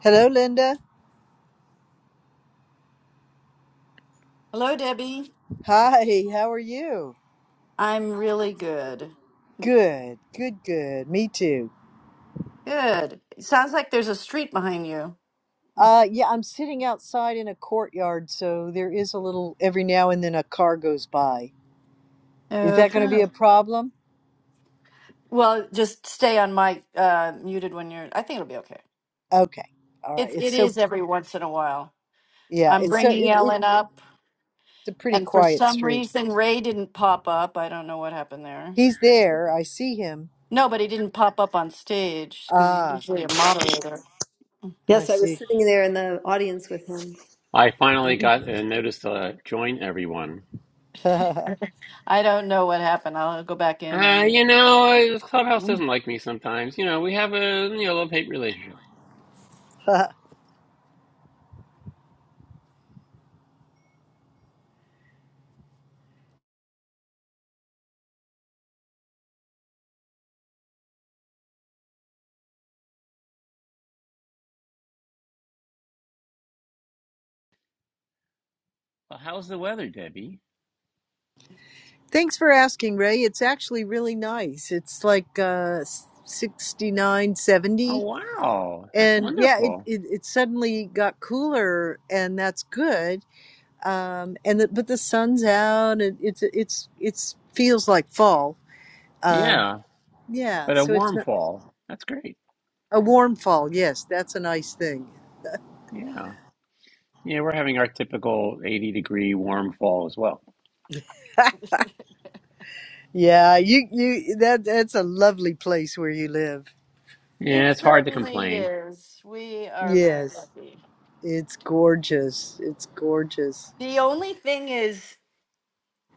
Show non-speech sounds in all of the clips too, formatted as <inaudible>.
Hello, Linda. Hello, Debbie. Hi, how are you? I'm really good. Good, good, good. Me too. Good. sounds like there's a street behind you. Uh, yeah, I'm sitting outside in a courtyard, so there is a little every now and then a car goes by. Is that Okay. going to be a <laughs> problem? Well, just stay on my uh, muted when you're. I think it'll be okay. Okay. All right. It It's it so, is pr- every once in a while. yeah, I'm it's so, bringing it, it's Ellen up, a pretty and for quiet some street. reason Ray didn't pop up. I don't know what happened there. He's there. I see him. No, but he didn't pop up on stage because he's Ah, usually a moderator. I Yes, I was see. sitting there in the audience with him. I finally got a notice to join everyone. I don't know what happened. I'll go back in Uh, and. you know, uh, Clubhouse doesn't like me sometimes. You know, we have a you know love hate relationship. <laughs> Well, how's the weather, Debbie? Thanks for asking, Ray. It's actually really nice. It's like uh, 69, Oh wow, that's and yeah it, wonderful. it, it suddenly got cooler and that's good um, and the, but the sun's out and it's it's it's feels like fall um, Yeah, yeah but a so it's warm not fall. That's great. a warm fall yes that's a nice thing Yeah, yeah, we're having our typical eighty degree warm fall as well. yeah you you that that's a lovely place where you live It Yeah, it's hard to certainly complain. is. We are very yes lucky. it's gorgeous it's gorgeous The only thing is,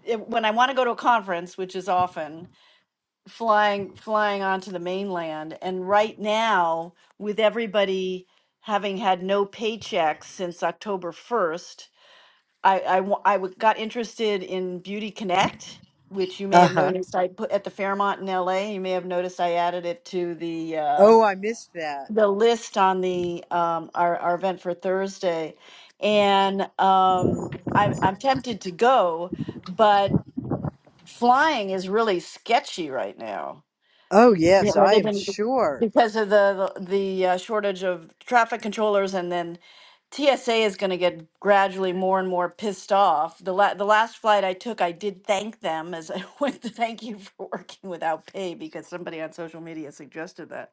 if- when I want to go to a conference, which is often flying flying onto the mainland, and right now with everybody having had no paychecks since October first, I I wa- I w- got interested in Beauty Connect, which you may have uh-huh noticed I put at the Fairmont in L.A. You may have noticed I added it to the uh, oh i missed that the list on the um, our our event for Thursday, and um, I'm I'm tempted to go, but flying is really sketchy right now. oh Yeah, yes well, i they've am been sure because of the the, the uh, shortage of traffic controllers, and then TSA is going to get gradually more and more pissed off. The la- the last flight I took, I did thank them as I <laughs> went to thank you for working without pay because somebody on social media suggested that.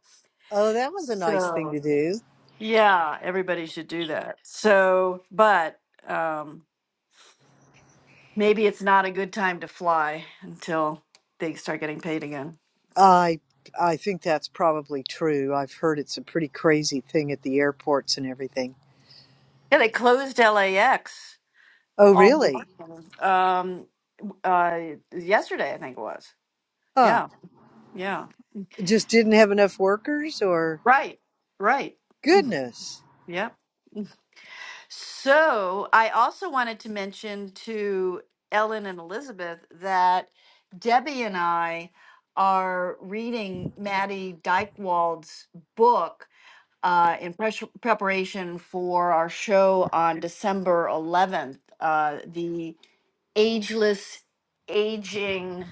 oh that was a nice thing So. to do Yeah, everybody should do that. So, but um, maybe it's not a good time to fly until they start getting paid again. I I think that's probably true. I've heard it's a pretty crazy thing at the airports and everything. Yeah, they closed LAX Oh, all really? um, uh, yesterday, I think it was. Huh. Yeah, yeah. Just didn't have enough workers or Right, right. goodness. Yeah. So I also wanted to mention to Ellen and Elizabeth that Debbie and I are reading Maddie Dykewald's book uh, in pres- preparation for our show on December 11th, uh, the Ageless Aging,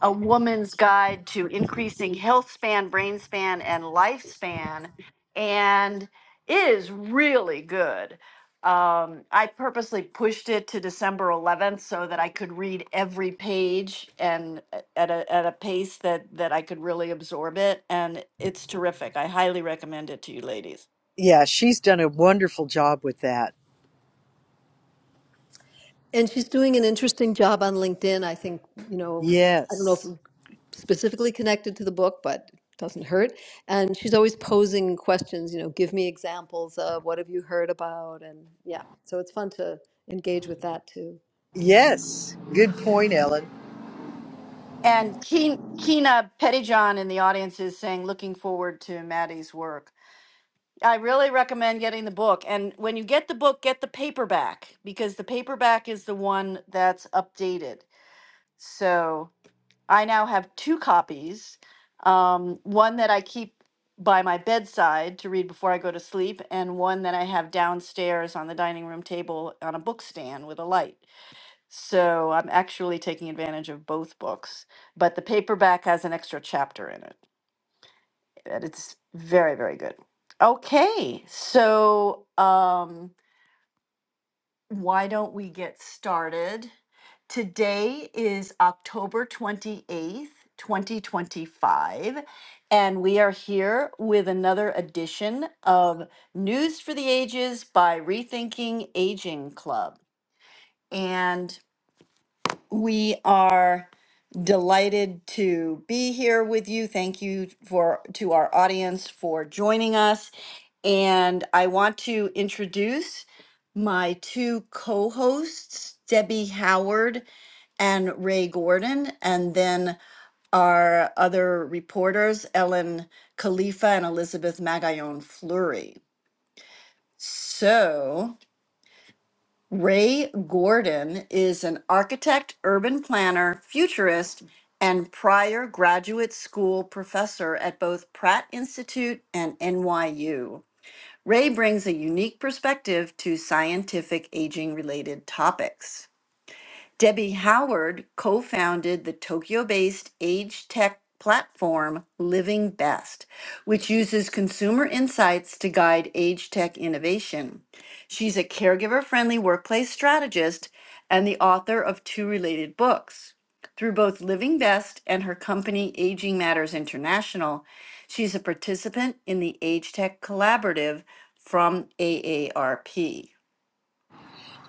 A Woman's Guide to Increasing Health Span, Brain Span, and Lifespan. And it is really good. Um, I purposely pushed it to December 11th so that I could read every page and a- at a, at a pace that, that I could really absorb it. And it's terrific. I highly recommend it to you ladies. Yeah, she's done a wonderful job with that. And she's doing an interesting job on LinkedIn. I think, you know, I don't know if Yes. specifically connected to the book, but it doesn't hurt. And she's always posing questions, you know, give me examples of what have you heard about? And yeah, so it's fun to engage with that too. Yes. Good point, Ellen. And Keen, Keena Pettyjohn in the audience is saying, looking forward to Maddie's work. I really recommend getting the book. And when you get the book, get the paperback because the paperback is the one that's updated. So I now have two copies um, one that I keep by my bedside to read before I go to sleep, and one that I have downstairs on the dining room table on a book stand with a light. So I'm actually taking advantage of both books, but the paperback has an extra chapter in it. And it's very, very good. Okay, so um, why don't we get started? Today is October 28th, 2025, and we are here with another edition of News for the Ages by Rethinking Aging Club. and. We are delighted to be here with you. Thank you for to our audience for joining us. And I want to introduce my two co-hosts, Debbie Howard and Ray Gordon, and then our other reporters, Ellen Khalifa and Elizabeth Magallon Fleury. So, Ray Gordon is an architect, urban planner, futurist, and prior graduate school professor at both Pratt Institute and NYU. Ray brings a unique perspective to scientific aging related topics. Debbie Howard co founded the Tokyo based age tech platform Living Best, which uses consumer insights to guide age tech innovation. She's a caregiver friendly workplace strategist and the author of two related books. Through both Living Best and her company Aging Matters International, she's a participant in the Age Tech Collaborative from AARP.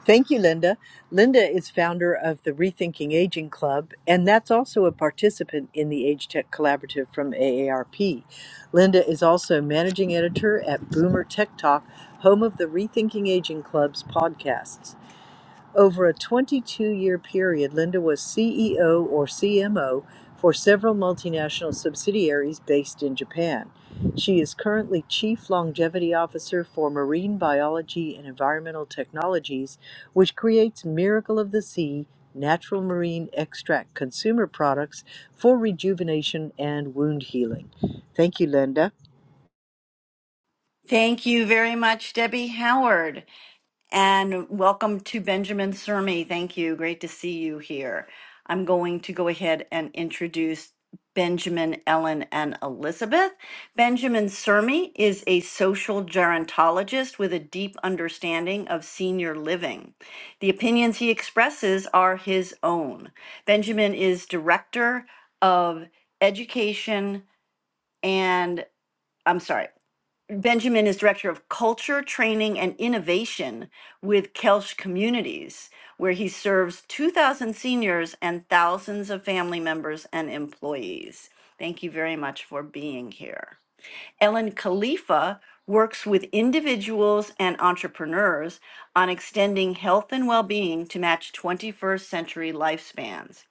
Thank you, Linda. Linda is founder of the Rethinking Aging Club, and that's also a participant in the Age Tech Collaborative from AARP. Linda is also managing editor at Boomer Tech Talk, home of the Rethinking Aging Club's podcasts. Over a 22 year period, Linda was CEO or CMO for several multinational subsidiaries based in Japan. She is currently Chief Longevity Officer for Marine Biology and Environmental Technologies, which creates Miracle of the Sea natural marine extract consumer products for rejuvenation and wound healing. Thank you, Linda. Thank you very much, Debbie Howard. And welcome to Benjamin Sermi. Thank you. Great to see you here. I'm going to go ahead and introduce Benjamin, Ellen, and Elizabeth. Benjamin Sermi is a social gerontologist with a deep understanding of senior living. The opinions he expresses are his own. Benjamin is director of education and I'm sorry. Benjamin is director of culture, training, and innovation with Kelch Communities, where he serves 2,000 seniors and thousands of family members and employees. Thank you very much for being here. Ellen Khalifa works with individuals and entrepreneurs on extending health and well being to match 21st century lifespans.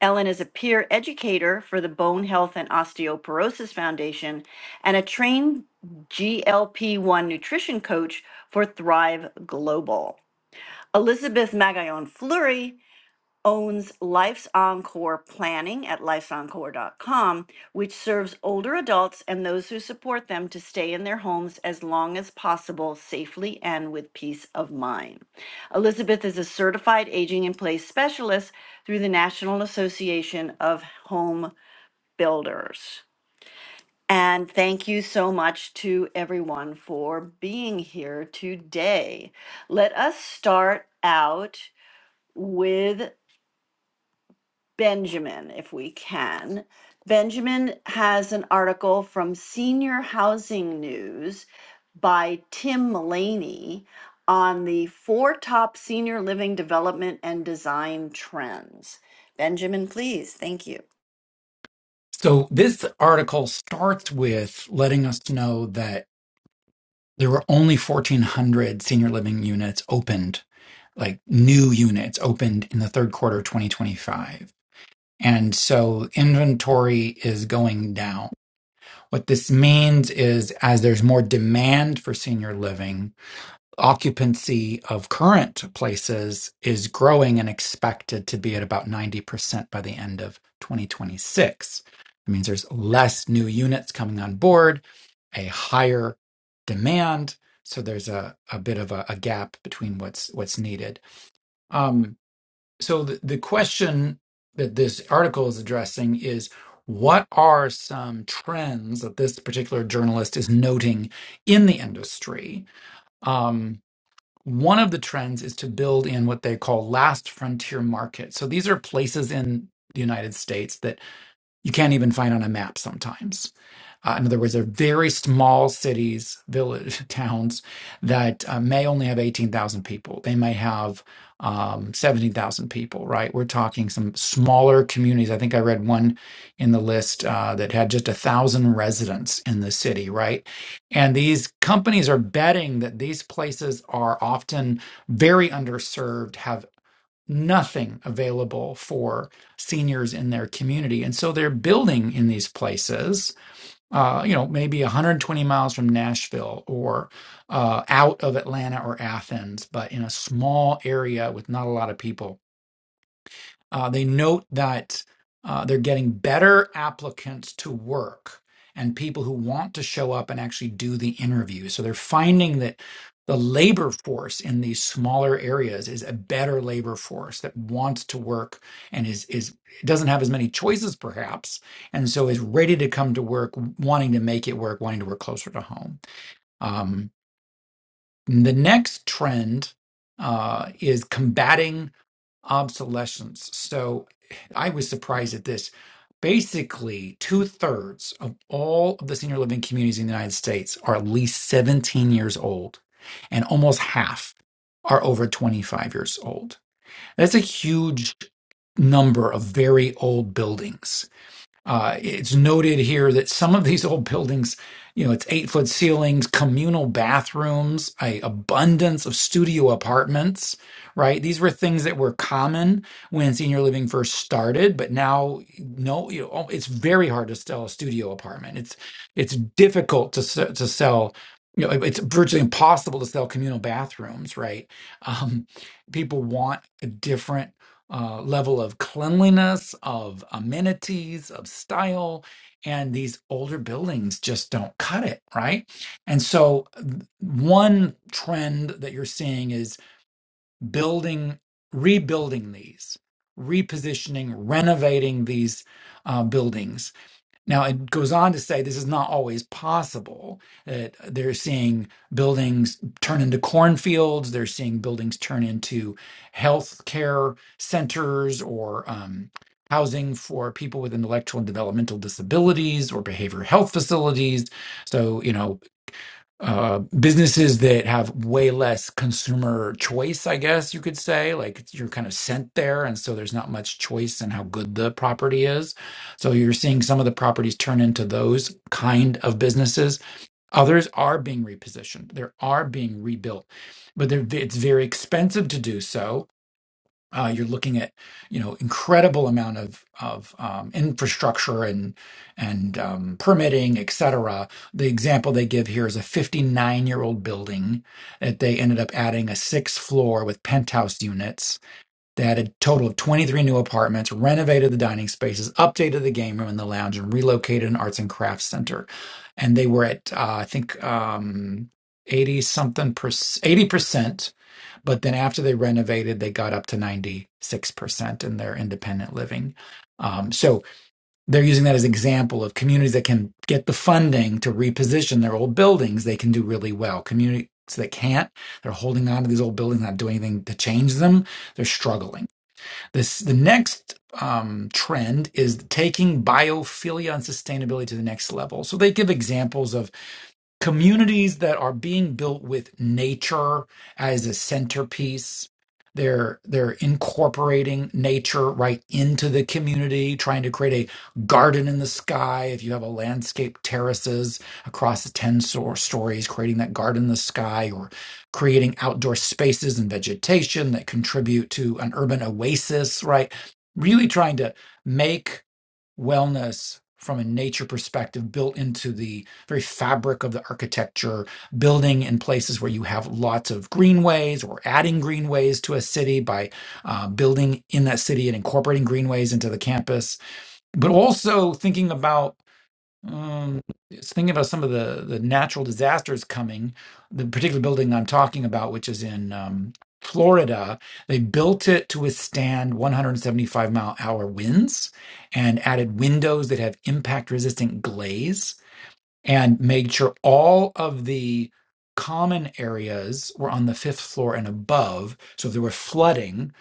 Ellen is a peer educator for the Bone Health and Osteoporosis Foundation and a trained GLP 1 nutrition coach for Thrive Global. Elizabeth Magallon Fleury owns Life's Encore Planning at lifesencore.com, which serves older adults and those who support them to stay in their homes as long as possible safely and with peace of mind. Elizabeth is a certified aging in place specialist through the National Association of Home Builders. And thank you so much to everyone for being here today. Let us start out with Benjamin, if we can. Benjamin has an article from Senior Housing News by Tim Mullaney on the four top senior living development and design trends. Benjamin, please. Thank you. So this article starts with letting us know that there were only 1,400 senior living units opened, like new units opened in the third quarter of 2025. And so inventory is going down. What this means is as there's more demand for senior living, occupancy of current places is growing and expected to be at about 90% by the end of 2026. It means there's less new units coming on board, a higher demand. So there's a, a bit of a, a gap between what's what's needed. Um, so the, the question that this article is addressing is what are some trends that this particular journalist is noting in the industry? Um, one of the trends is to build in what they call last frontier markets. So these are places in the United States that you can't even find on a map sometimes. Uh, in other words, they're very small cities, village <laughs> towns that uh, may only have 18,000 people. They may have um, 17,000 people, right? We're talking some smaller communities. I think I read one in the list uh, that had just a thousand residents in the city, right? And these companies are betting that these places are often very underserved, have nothing available for seniors in their community. And so they're building in these places uh, you know, maybe 120 miles from Nashville or uh, out of Atlanta or Athens, but in a small area with not a lot of people. Uh, they note that uh, they're getting better applicants to work and people who want to show up and actually do the interview. So they're finding that the labor force in these smaller areas is a better labor force that wants to work and is is doesn't have as many choices perhaps, and so is ready to come to work, wanting to make it work, wanting to work closer to home. Um, the next trend uh, is combating obsolescence. So I was surprised at this. Basically, two thirds of all of the senior living communities in the United States are at least 17 years old, and almost half are over 25 years old. That's a huge number of very old buildings uh, it's noted here that some of these <laughs> old buildings, you know, it's eight foot ceilings, communal bathrooms, a abundance of studio apartments, right? These were things that were common when senior living first started, but now, no, you know, oh, it's very hard to sell a studio apartment. It's it's difficult to se- to sell. You know, it's virtually impossible to sell communal bathrooms, right? Um, people want a different uh, level of cleanliness, of amenities, of style. And these older buildings just don't cut it, right? And so, th- one trend that you're seeing is building, rebuilding these, repositioning, renovating these uh, buildings now, it goes on to say this is not always possible. That they're seeing buildings turn into cornfields, they're seeing buildings turn into health care centers or um, housing for people with intellectual and developmental disabilities or behavioral health facilities. So, you know, uh, businesses that have way less consumer choice, I guess you could say. Like you're kind of sent there, and so there's not much choice in how good the property is. So you're seeing some of the properties turn into those kind of businesses. Others are being repositioned, they are being rebuilt, but they're, it's very expensive to do so uh, you're looking at you know incredible amount of of um, infrastructure and and um, permitting, et cetera. The example they give here is a 59 year old building that they ended up adding a sixth floor with penthouse units. They added a total of 23 new apartments, renovated the dining spaces, updated the game room and the lounge, and relocated an arts and crafts center. And they were at uh, I think um, 80 something percent, 80 percent but then after they renovated, they got up to 96% in their independent living. Um, so they're using that as an example of communities that can get the funding to reposition their old buildings, they can do really well. Communities that can't, they're holding on to these old buildings, not doing anything to change them, they're struggling. This the next um, trend is taking biophilia and sustainability to the next level. So they give examples of communities that are being built with nature as a centerpiece. They're they're incorporating nature right into the community, trying to create a garden in the sky. If you have a landscape terraces across the ten stor- stories, creating that garden in the sky, or creating outdoor spaces and vegetation that contribute to an urban oasis, right? Really trying to make wellness from a nature perspective built into the very fabric of the architecture, building in places where you have lots of greenways or adding greenways to a city by uh, building in that city and incorporating greenways into the campus, but also thinking about um, just thinking about some of the the natural disasters coming. The particular building I'm talking about, which is in um, Florida, they built it to withstand 175 mile hour winds and added windows that have impact resistant glaze and made sure all of the common areas were on the fifth floor and above. So if there were flooding,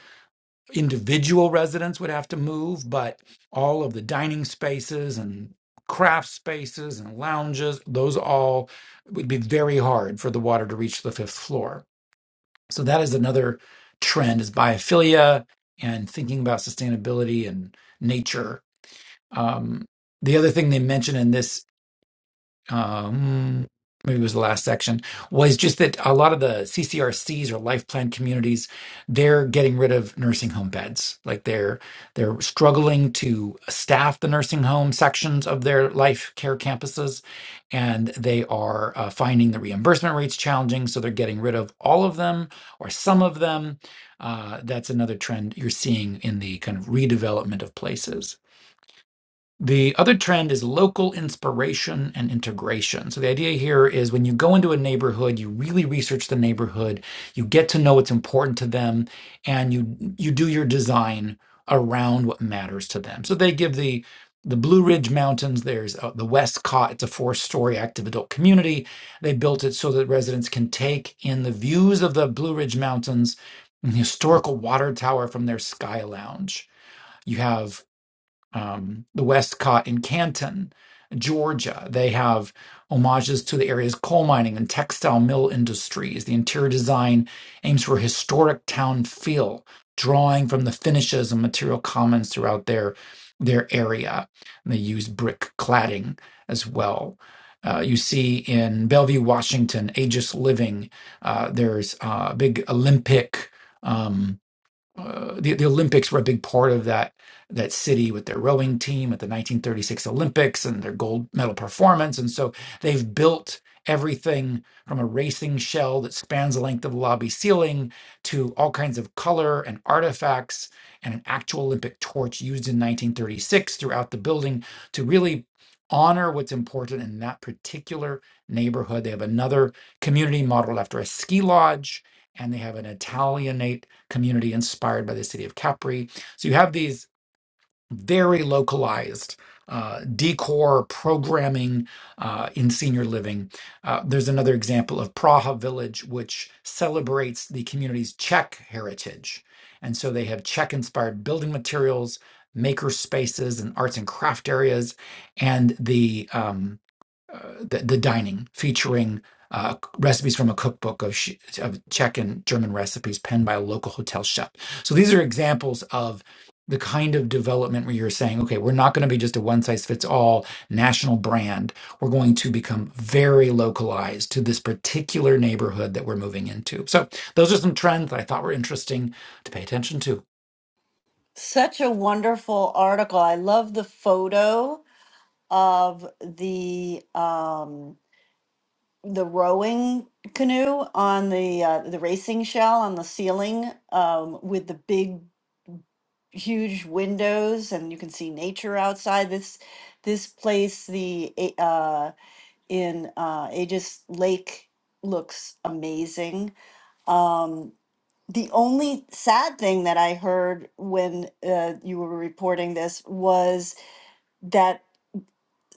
individual residents would have to move, but all of the dining spaces and craft spaces and lounges, those all would be very hard for the water to reach the fifth floor. So that is another trend is biophilia and thinking about sustainability and nature. Um, the other thing they mention in this um, maybe it was the last section, was just that a lot of the CCRCs or life plan communities, they're getting rid of nursing home beds. Like they're they're struggling to staff the nursing home sections of their life care campuses, and they are uh, finding the reimbursement rates challenging. So they're getting rid of all of them or some of them. Uh, that's another trend you're seeing in the kind of redevelopment of places. The other trend is local inspiration and integration. So, the idea here is when you go into a neighborhood, you really research the neighborhood, you get to know what's important to them, and you, you do your design around what matters to them. So, they give the the Blue Ridge Mountains, there's uh, the Westcott. It's a four story active adult community. They built it so that residents can take in the views of the Blue Ridge Mountains and the historical water tower from their sky lounge. You have um, the Westcott in Canton, Georgia. They have homages to the area's coal mining and textile mill industries. The interior design aims for a historic town feel, drawing from the finishes and material commons throughout their their area. And they use brick cladding as well. Uh, you see in Bellevue, Washington, Aegis Living. Uh, there's uh, a big Olympic. um, uh, the, the Olympics were a big part of that that city with their rowing team at the 1936 Olympics and their gold medal performance. And so they've built everything from a racing shell that spans the length of the lobby ceiling to all kinds of color and artifacts and an actual Olympic torch used in 1936 throughout the building to really honor what's important in that particular neighborhood. They have another community modeled after a ski lodge and they have an Italianate community inspired by the city of Capri. So you have these very localized uh, decor programming uh, in senior living. Uh, there's another example of Praha Village, which celebrates the community's Czech heritage. And so they have Czech inspired building materials, maker spaces, and arts and craft areas. And the um, uh, the, the dining, featuring uh, recipes from a cookbook of, sh- of Czech and German recipes penned by a local hotel chef. So these are examples of the kind of development where you're saying, okay, we're not going to be just a one size fits all national brand. We're going to become very localized to this particular neighborhood that we're moving into. So those are some trends that I thought were interesting to pay attention to. Such a wonderful article. I love the photo of the um, the rowing canoe on the uh, the racing shell on the ceiling um, with the big huge windows and you can see nature outside this this place the A- uh in uh Aegis Lake looks amazing um the only sad thing that I heard when uh, you were reporting this was that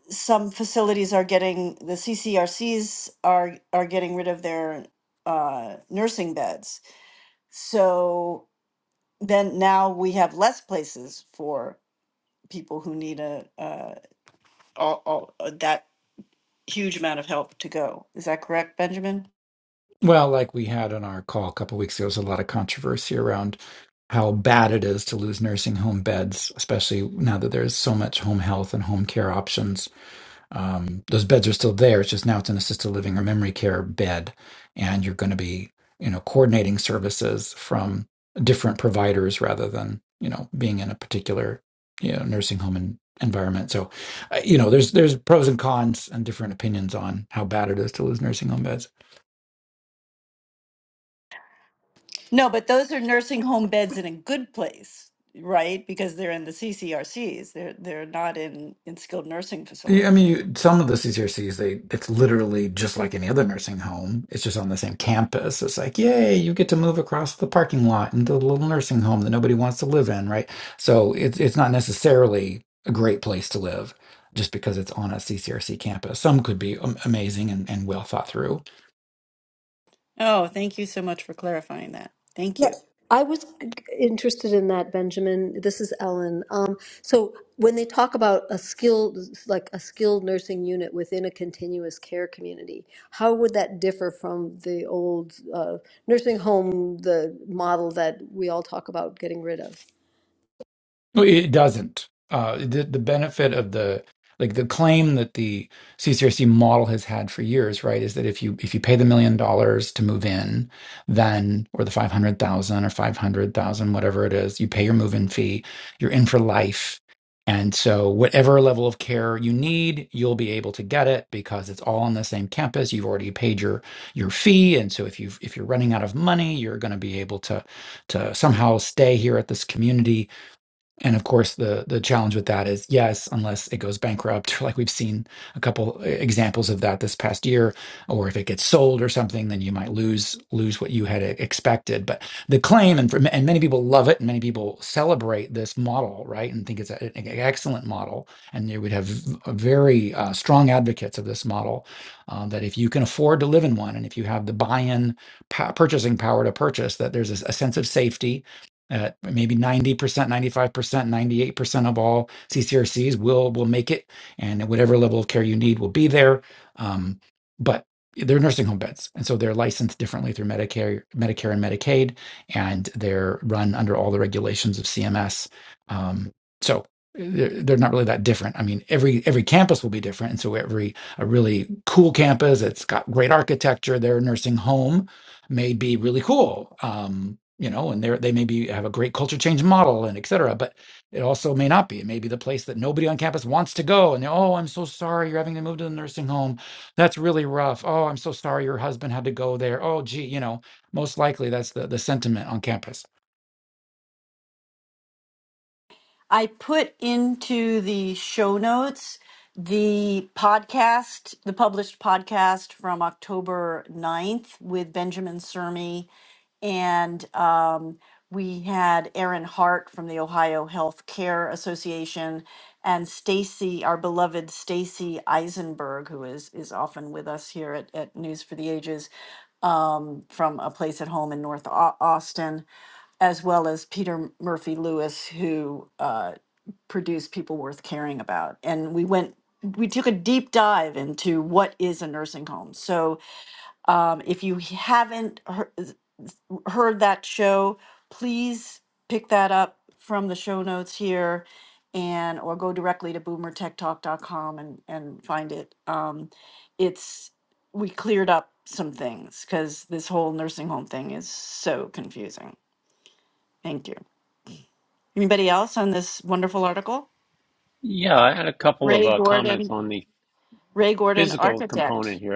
some facilities are getting the CCRCs are are getting rid of their uh, nursing beds. So then now we have less places for people who need a, uh, all, all, uh, that huge amount of help to go. Is that correct, Benjamin? Well, like we had on our call a couple weeks ago, there was a lot of controversy around how bad it is to lose nursing home beds, especially now that there's so much home health and home care options. Um, those beds are still there. It's just now it's an assisted living or memory care bed, and you're going to be, you know, coordinating services from different providers rather than you know being in a particular you know nursing home and environment. So, uh, you know, there's there's pros and cons and different opinions on how bad it is to lose nursing home beds. No, but those are nursing home beds in a good place, right? Because they're in the CCRCs. They're they're not in in skilled nursing Yeah, I facilities. mean, you, some of the CCRCs, they it's literally just like any other nursing home. It's just on the same campus. It's like, yay, you get to move across the parking lot into a little nursing home that nobody wants to live in, right? So it's it's not necessarily a great place to live just because it's on a CCRC campus. Some could be am- amazing and, and well thought through. Oh, thank you so much for clarifying that. Thank Yeah, you. I was interested in that, Benjamin. This is Ellen. Um, so when they talk about a skilled, like a skilled nursing unit within a continuous care community, how would that differ from the old uh, nursing home, the model that we all talk about getting rid of? No, It doesn't. Uh, the, the benefit of the like the claim that the CCRC model has had for years, right, is that if you if you pay the million dollars to move in, then or the five hundred thousand or five hundred thousand, whatever it is, you pay your move-in fee, you're in for life. And so whatever level of care you need, you'll be able to get it because it's all on the same campus. You've already paid your your fee. And so if you if you're running out of money, you're going to be able to to somehow stay here at this community and of course, the the challenge with that is yes, unless it goes bankrupt, <laughs> like we've seen a couple uh, examples of that this past year, or if it gets sold or something, then you might lose lose what you had e, expected. But the claim, and from, and many people love it, and many people celebrate this model, right, and think it's a- an excellent model, and you would have v- very uh, strong advocates of this model. uh, that if you can afford to live in one, and if you have the buy-in, pa- purchasing power to purchase, that there's a, a sense of safety at maybe 90%, 95%, 98% of all CCRCs will will make it, and at whatever level of care you need will be there. Um, but they're nursing home beds, and so they're licensed differently through Medicare, Medicare and Medicaid, and they're run under all the regulations of CMS. Um, so they're, they're not really that different. I mean, every every campus will be different, and so every a really cool campus that's got great architecture, their nursing home may be really cool. Um, you know, and they they may be have a great culture change model and et cetera, but it also may not be. It may be the place that nobody on campus wants to go. And they're, oh, I'm so sorry you're having to move to the nursing home. That's really rough. Oh, I'm so sorry your husband had to go there. Oh, gee, you know, most likely that's the, the sentiment on campus. I put into the show notes the podcast, the published podcast from October ninth with Benjamin Cermi. And um, we had Erin Hart from the Ohio Health Care Association and Stacy, our beloved Stacy Eisenberg, who is, is often with us here at, at News for the Ages um, from a place at home in North Au- Austin as well as Peter Murphy Lewis, who uh, produced People Worth Caring About. And we went, we took a deep dive into what is a nursing home. So um, if you haven't he- heard that show, please pick that up from the show notes here and or go directly to boomertechtalk.com and and find it um it's we cleared up some things because this whole nursing home thing is so confusing thank you Anybody else on this wonderful article? Yeah, I had a couple of Ray uh, comments Gordon, on the Ray Gordon, physical component architect. here.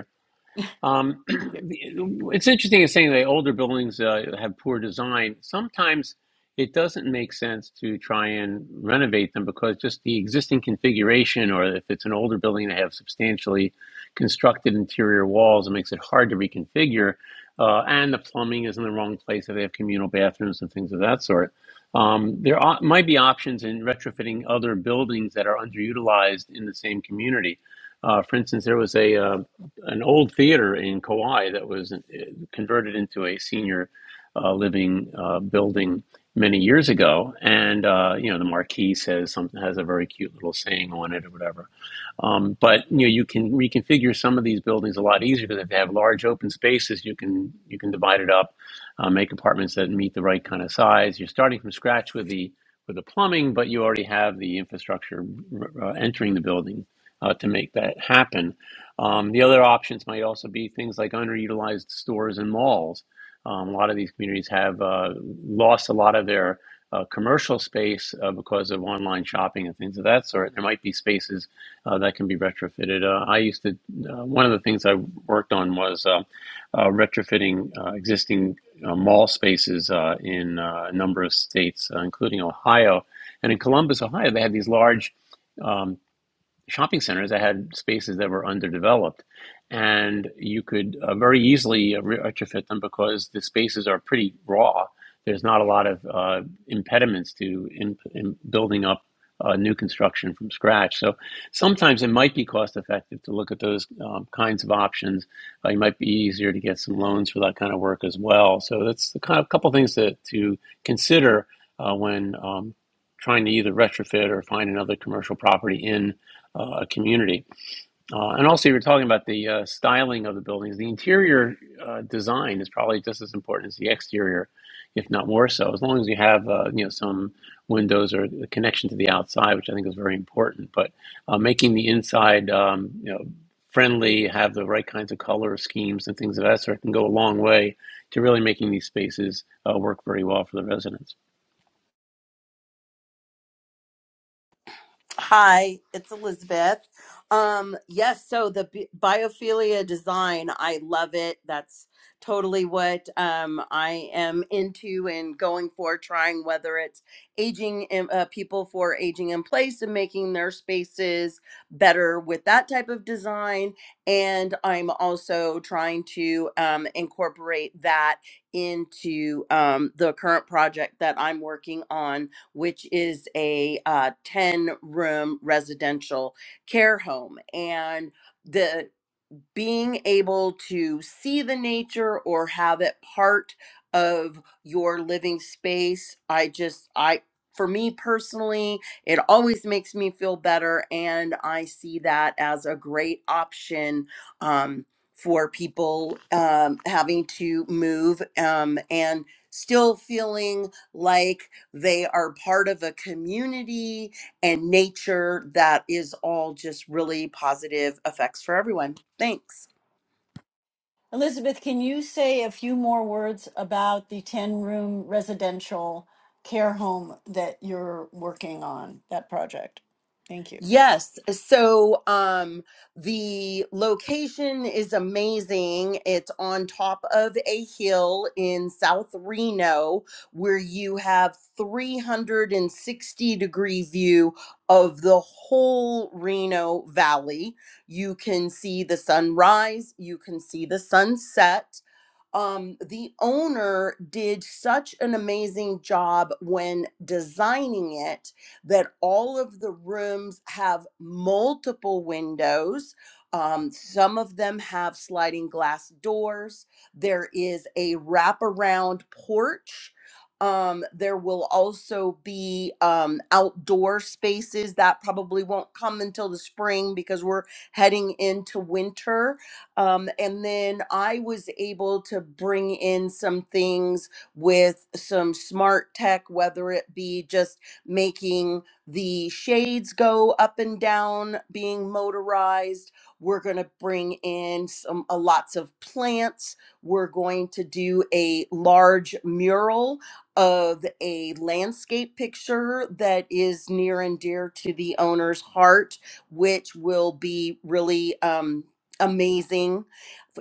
Um, <clears throat> Thank you. it's interesting in saying that older buildings uh, have poor design. Sometimes it doesn't make sense to try and renovate them because just the existing configuration, or if it's an older building that have substantially constructed interior walls, it makes it hard to reconfigure. Uh, and the plumbing is in the wrong place if they have communal bathrooms and things of that sort. Um, there are, might be options in retrofitting other buildings that are underutilized in the same community. Uh, for instance, there was a uh, an old theater in Kauai that was uh, converted into a senior uh, living uh, building many years ago, and uh, you know the marquee says something has a very cute little saying on it or whatever um, but you know, you can reconfigure some of these buildings a lot easier because if they have large open spaces, you can you can divide it up, uh, make apartments that meet the right kind of size. You're starting from scratch with the with the plumbing, but you already have the infrastructure uh, entering the building uh, to make that happen. Um, the other options might also be things like underutilized stores and malls. Um, a lot of these communities have uh, lost a lot of their uh, commercial space uh, because of online shopping and things of that sort. There might be spaces uh, that can be retrofitted. Uh, I used to, uh, one of the things I worked on was uh, uh, retrofitting uh, existing uh, mall spaces uh, in uh, a number of states, uh, including Ohio. And in Columbus, Ohio, they had these large um, shopping centers that had spaces that were underdeveloped. And you could uh, very easily uh, retrofit them because the spaces are pretty raw. There's not a lot of uh, impediments to in, in building up uh, new construction from scratch. So sometimes it might be cost effective to look at those um, kinds of options. Uh, it might be easier to get some loans for that kind of work as well. So that's the kind of couple things to, to consider uh, when um, trying to either retrofit or find another commercial property in uh, a community. Uh, and also, you were talking about the uh, styling of the buildings. The interior uh, design is probably just as important as the exterior, if not more so. As long as you have, uh, you know, some windows or a connection to the outside, which I think is very important. But uh, making the inside, um, you know, friendly, have the right kinds of color schemes and things of that sort can go a long way to really making these spaces uh, work very well for the residents. Hi, it's Elizabeth. Um, yes, so the bi- biophilia design, I love it. That's totally what um, I am into and going for, trying whether it's aging in, uh, people for aging in place and making their spaces better with that type of design. And I'm also trying to um, incorporate that into um, the current project that I'm working on which is a uh, 10 room residential care home. And the being able to see the nature or have it part of your living space i just i for me personally it always makes me feel better and i see that as a great option um, for people um, having to move um, and still feeling like they are part of a community and nature that is all just really positive effects for everyone. Thanks. Elizabeth, can you say a few more words about the 10 room residential care home that you're working on, that project? Thank you. Yes, so um the location is amazing. It's on top of a hill in South Reno where you have 360 degree view of the whole Reno Valley. You can see the sunrise, you can see the sunset um, the owner did such an amazing job when designing it that all of the rooms have multiple windows. Um, some of them have sliding glass doors. There is a wraparound porch. Um, there will also be um, outdoor spaces that probably won't come until the spring because we're heading into winter um, and then I was able to bring in some things with some smart tech, whether it be just making the shades go up and down, being motorized. We're going to bring in some uh, lots of plants. We're going to do a large mural of a landscape picture that is near and dear to the owner's heart which will be really um, amazing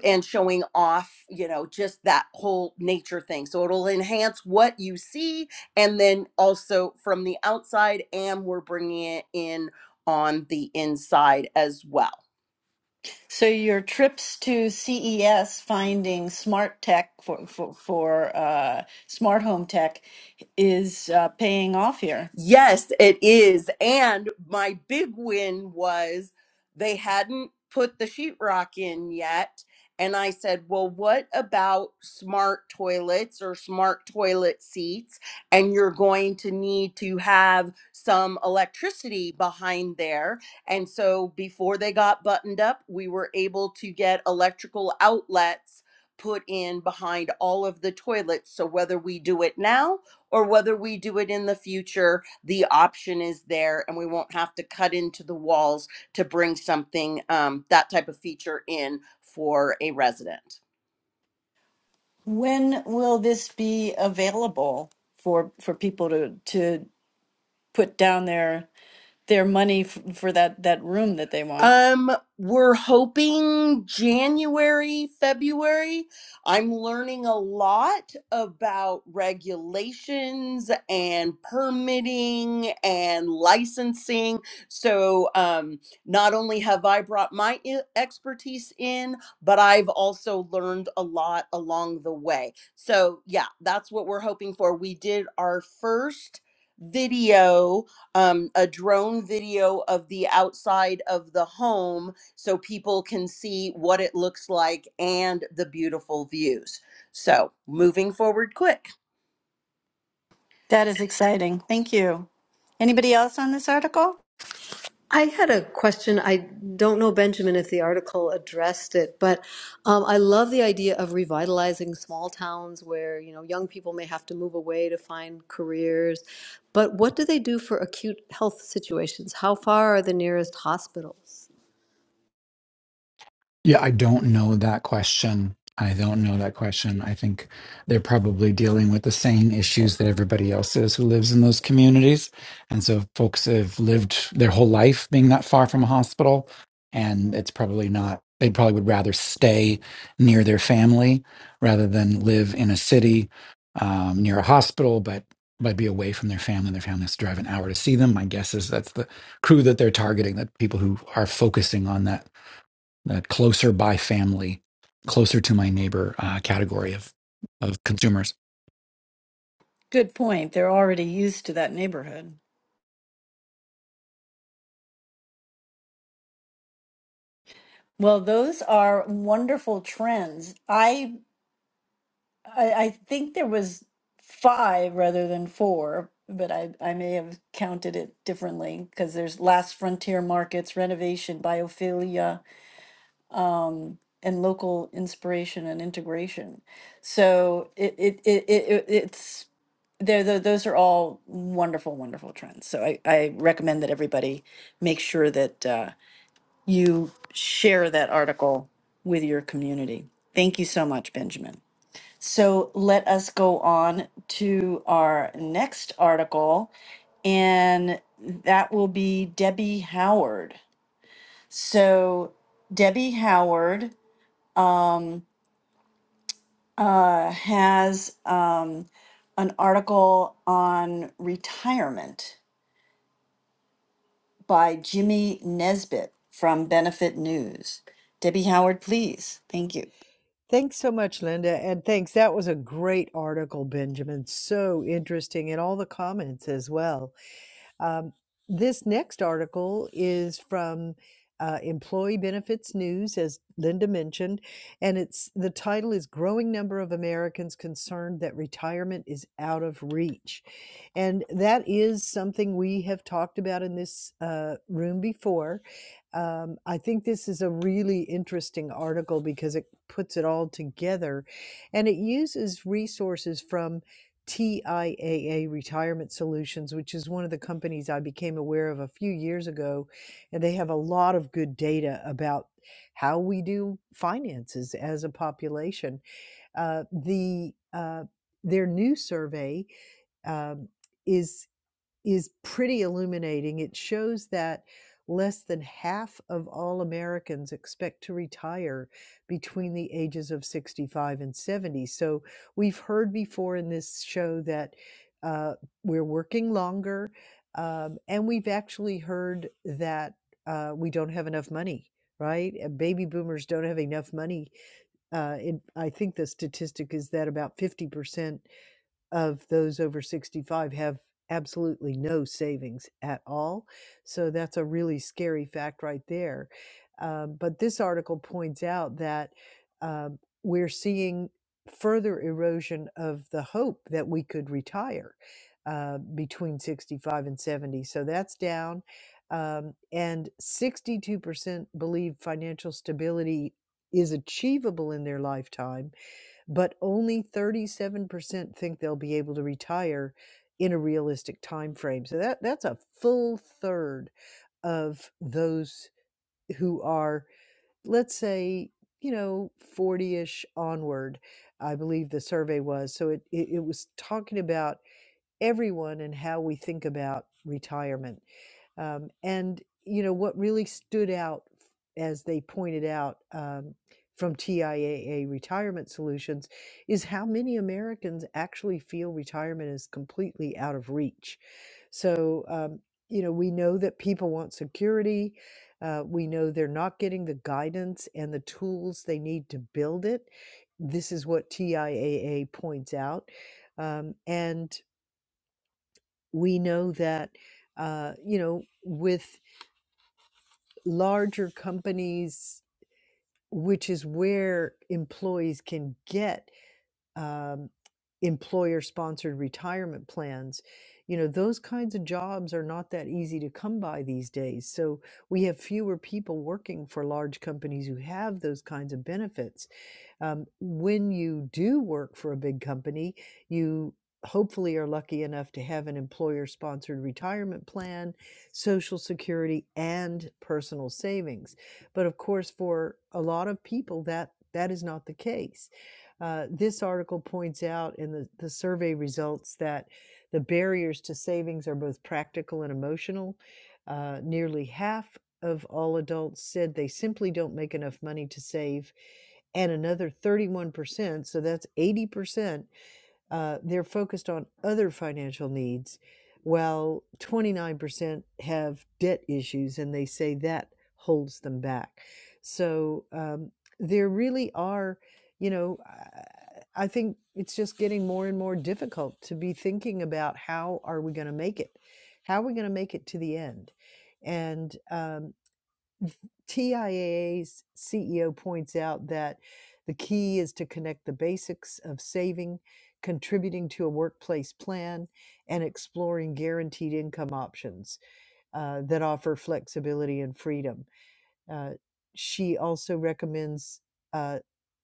and showing off, you know, just that whole nature thing. So it'll enhance what you see. And then also from the outside, and we're bringing it in on the inside as well. So, your trips to CES finding smart tech for, for, for uh, smart home tech is uh, paying off here. Yes, it is. And my big win was they hadn't put the sheetrock in yet. And I said, Well, what about smart toilets or smart toilet seats? And you're going to need to have some electricity behind there. And so before they got buttoned up, we were able to get electrical outlets put in behind all of the toilets. So whether we do it now or whether we do it in the future, the option is there and we won't have to cut into the walls to bring something um, that type of feature in for a resident When will this be available for, for people to, to put down their their money f- for that that room that they want. Um, we're hoping January, February. I'm learning a lot about regulations and permitting and licensing. So, um, not only have I brought my i- expertise in, but I've also learned a lot along the way. So, yeah, that's what we're hoping for. We did our first video um, a drone video of the outside of the home so people can see what it looks like and the beautiful views. So, moving forward quick. That is exciting. Thank you. Anybody else on this article? I had a question. I don't know, Benjamin, if the article addressed it, but um, I love the idea of revitalizing small towns where, you know, young people may have to move away to find careers. But what do they do for acute health situations? How far are the nearest hospitals? Yeah, I don't know that question. I don't know that question. I think they're probably dealing with the same issues that everybody else is who lives in those communities. And so folks have lived their whole life being not far from a hospital, and it's probably not, they probably would rather stay near their family rather than live in a city um, near a hospital, but but be away from their family. Their family has to drive an hour to see them. My guess is that's the crew that they're targeting, that people who are focusing on that that closer by family, closer to my neighbor uh, category of of consumers. Good point. They're already used to that neighborhood. Well, those are wonderful trends. I I, I think there was five rather than four, but I, I may have counted it differently because there's Last Frontier Markets, Renovation, Biophilia, and Local Inspiration and Integration. So it, it, it, it, it- it's They're, tho- those are all wonderful, wonderful trends. So I, I recommend that everybody make sure that uh, you share that article with your community. Thank you so much, Benjamin. So let us go on to our next article, and that will be Debbie Howard. So Debbie Howard uh, has um, an article on retirement by Jimmy Nesbitt from Benefit News. Debbie Howard, please. Thank you. Thanks so much, Linda, and thanks. That was a great article, Benjamin. So interesting, and all the comments as well. Um, this next article is from uh, Employee Benefits News, as Linda mentioned, and it's the title is "Growing Number of Americans Concerned That Retirement Is Out of Reach," and that is something we have talked about in this uh, room before. Um, I think this is a really interesting article because it puts it all together, and it uses resources from TIAA Retirement Solutions, which is one of the companies I became aware of a few years ago. And they have a lot of good data about how we do finances as a population. Uh, the uh, their new survey um, is is pretty illuminating. It shows that less than half of all Americans expect to retire between the ages of 65 and 70. So we've heard before in this show that uh, we're working longer, um, and we've actually heard that uh, we don't have enough money. Right, Uh, baby boomers don't have enough money. Uh, it, I think the statistic is that about fifty percent of those over 65 have absolutely no savings at all. So that's a really scary fact right there. Um, but this article points out that um, we're seeing further erosion of the hope that we could retire uh, between 65 and 70. So that's down. Um, and 62% believe financial stability is achievable in their lifetime but only 37% think they'll be able to retire in a realistic time frame. So that that's a full third of those who are let's say, you know, 40ish onward. I believe the survey was. So it it, it was talking about everyone and how we think about retirement. Um, and, you know, what really stood out, as they pointed out um, from TIAA Retirement Solutions, is how many Americans actually feel retirement is completely out of reach. So, um, you know, we know that people want security. Uh, we know they're not getting the guidance and the tools they need to build it. This is what TIAA points out. Um, and we know that uh, you know with larger companies which is where employees can get um, employer sponsored retirement plans you know those kinds of jobs are not that easy to come by these days so we have fewer people working for large companies who have those kinds of benefits um, when you do work for a big company, you hopefully are lucky enough to have an employer sponsored retirement plan, social security, and personal savings. But of course, for a lot of people, that that is not the case. Uh, this article points out in the, the survey results that the barriers to savings are both practical and emotional. Uh, nearly half of all adults said they simply don't make enough money to save, and another 31%, so that's 80%, uh, they're focused on other financial needs, while 29% have debt issues, and they say that holds them back. So um, there really are, you know, I think it's just getting more and more difficult to be thinking about how are we going to make it? How are we going to make it to the end? And um, TIAA's CEO points out that the key is to connect the basics of saving, contributing to a workplace plan, and exploring guaranteed income options uh, that offer flexibility and freedom. Uh, she also recommends uh,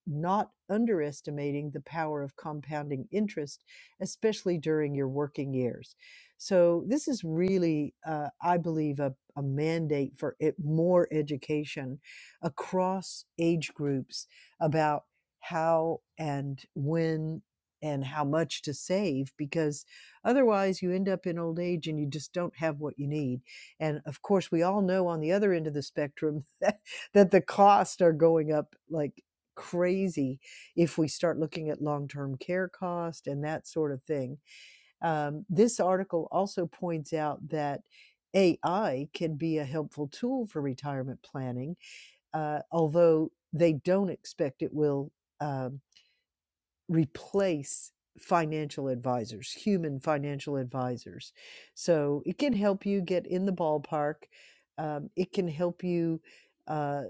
not underestimating the power of compounding interest, especially during your working years. So, this is really, uh, I believe, a, a mandate for it, more education across age groups about how and when and how much to save because otherwise you end up in old age and you just don't have what you need and of course, we all know on the other end of the spectrum <laughs> that, that the costs are going up like crazy if we start looking at long term care cost and that sort of thing. Um, this article also points out that AI can be a helpful tool for retirement planning, uh, although they don't expect it will. um replace financial advisors, human financial advisors. So it can help you get in the ballpark. Um, it can help you uh,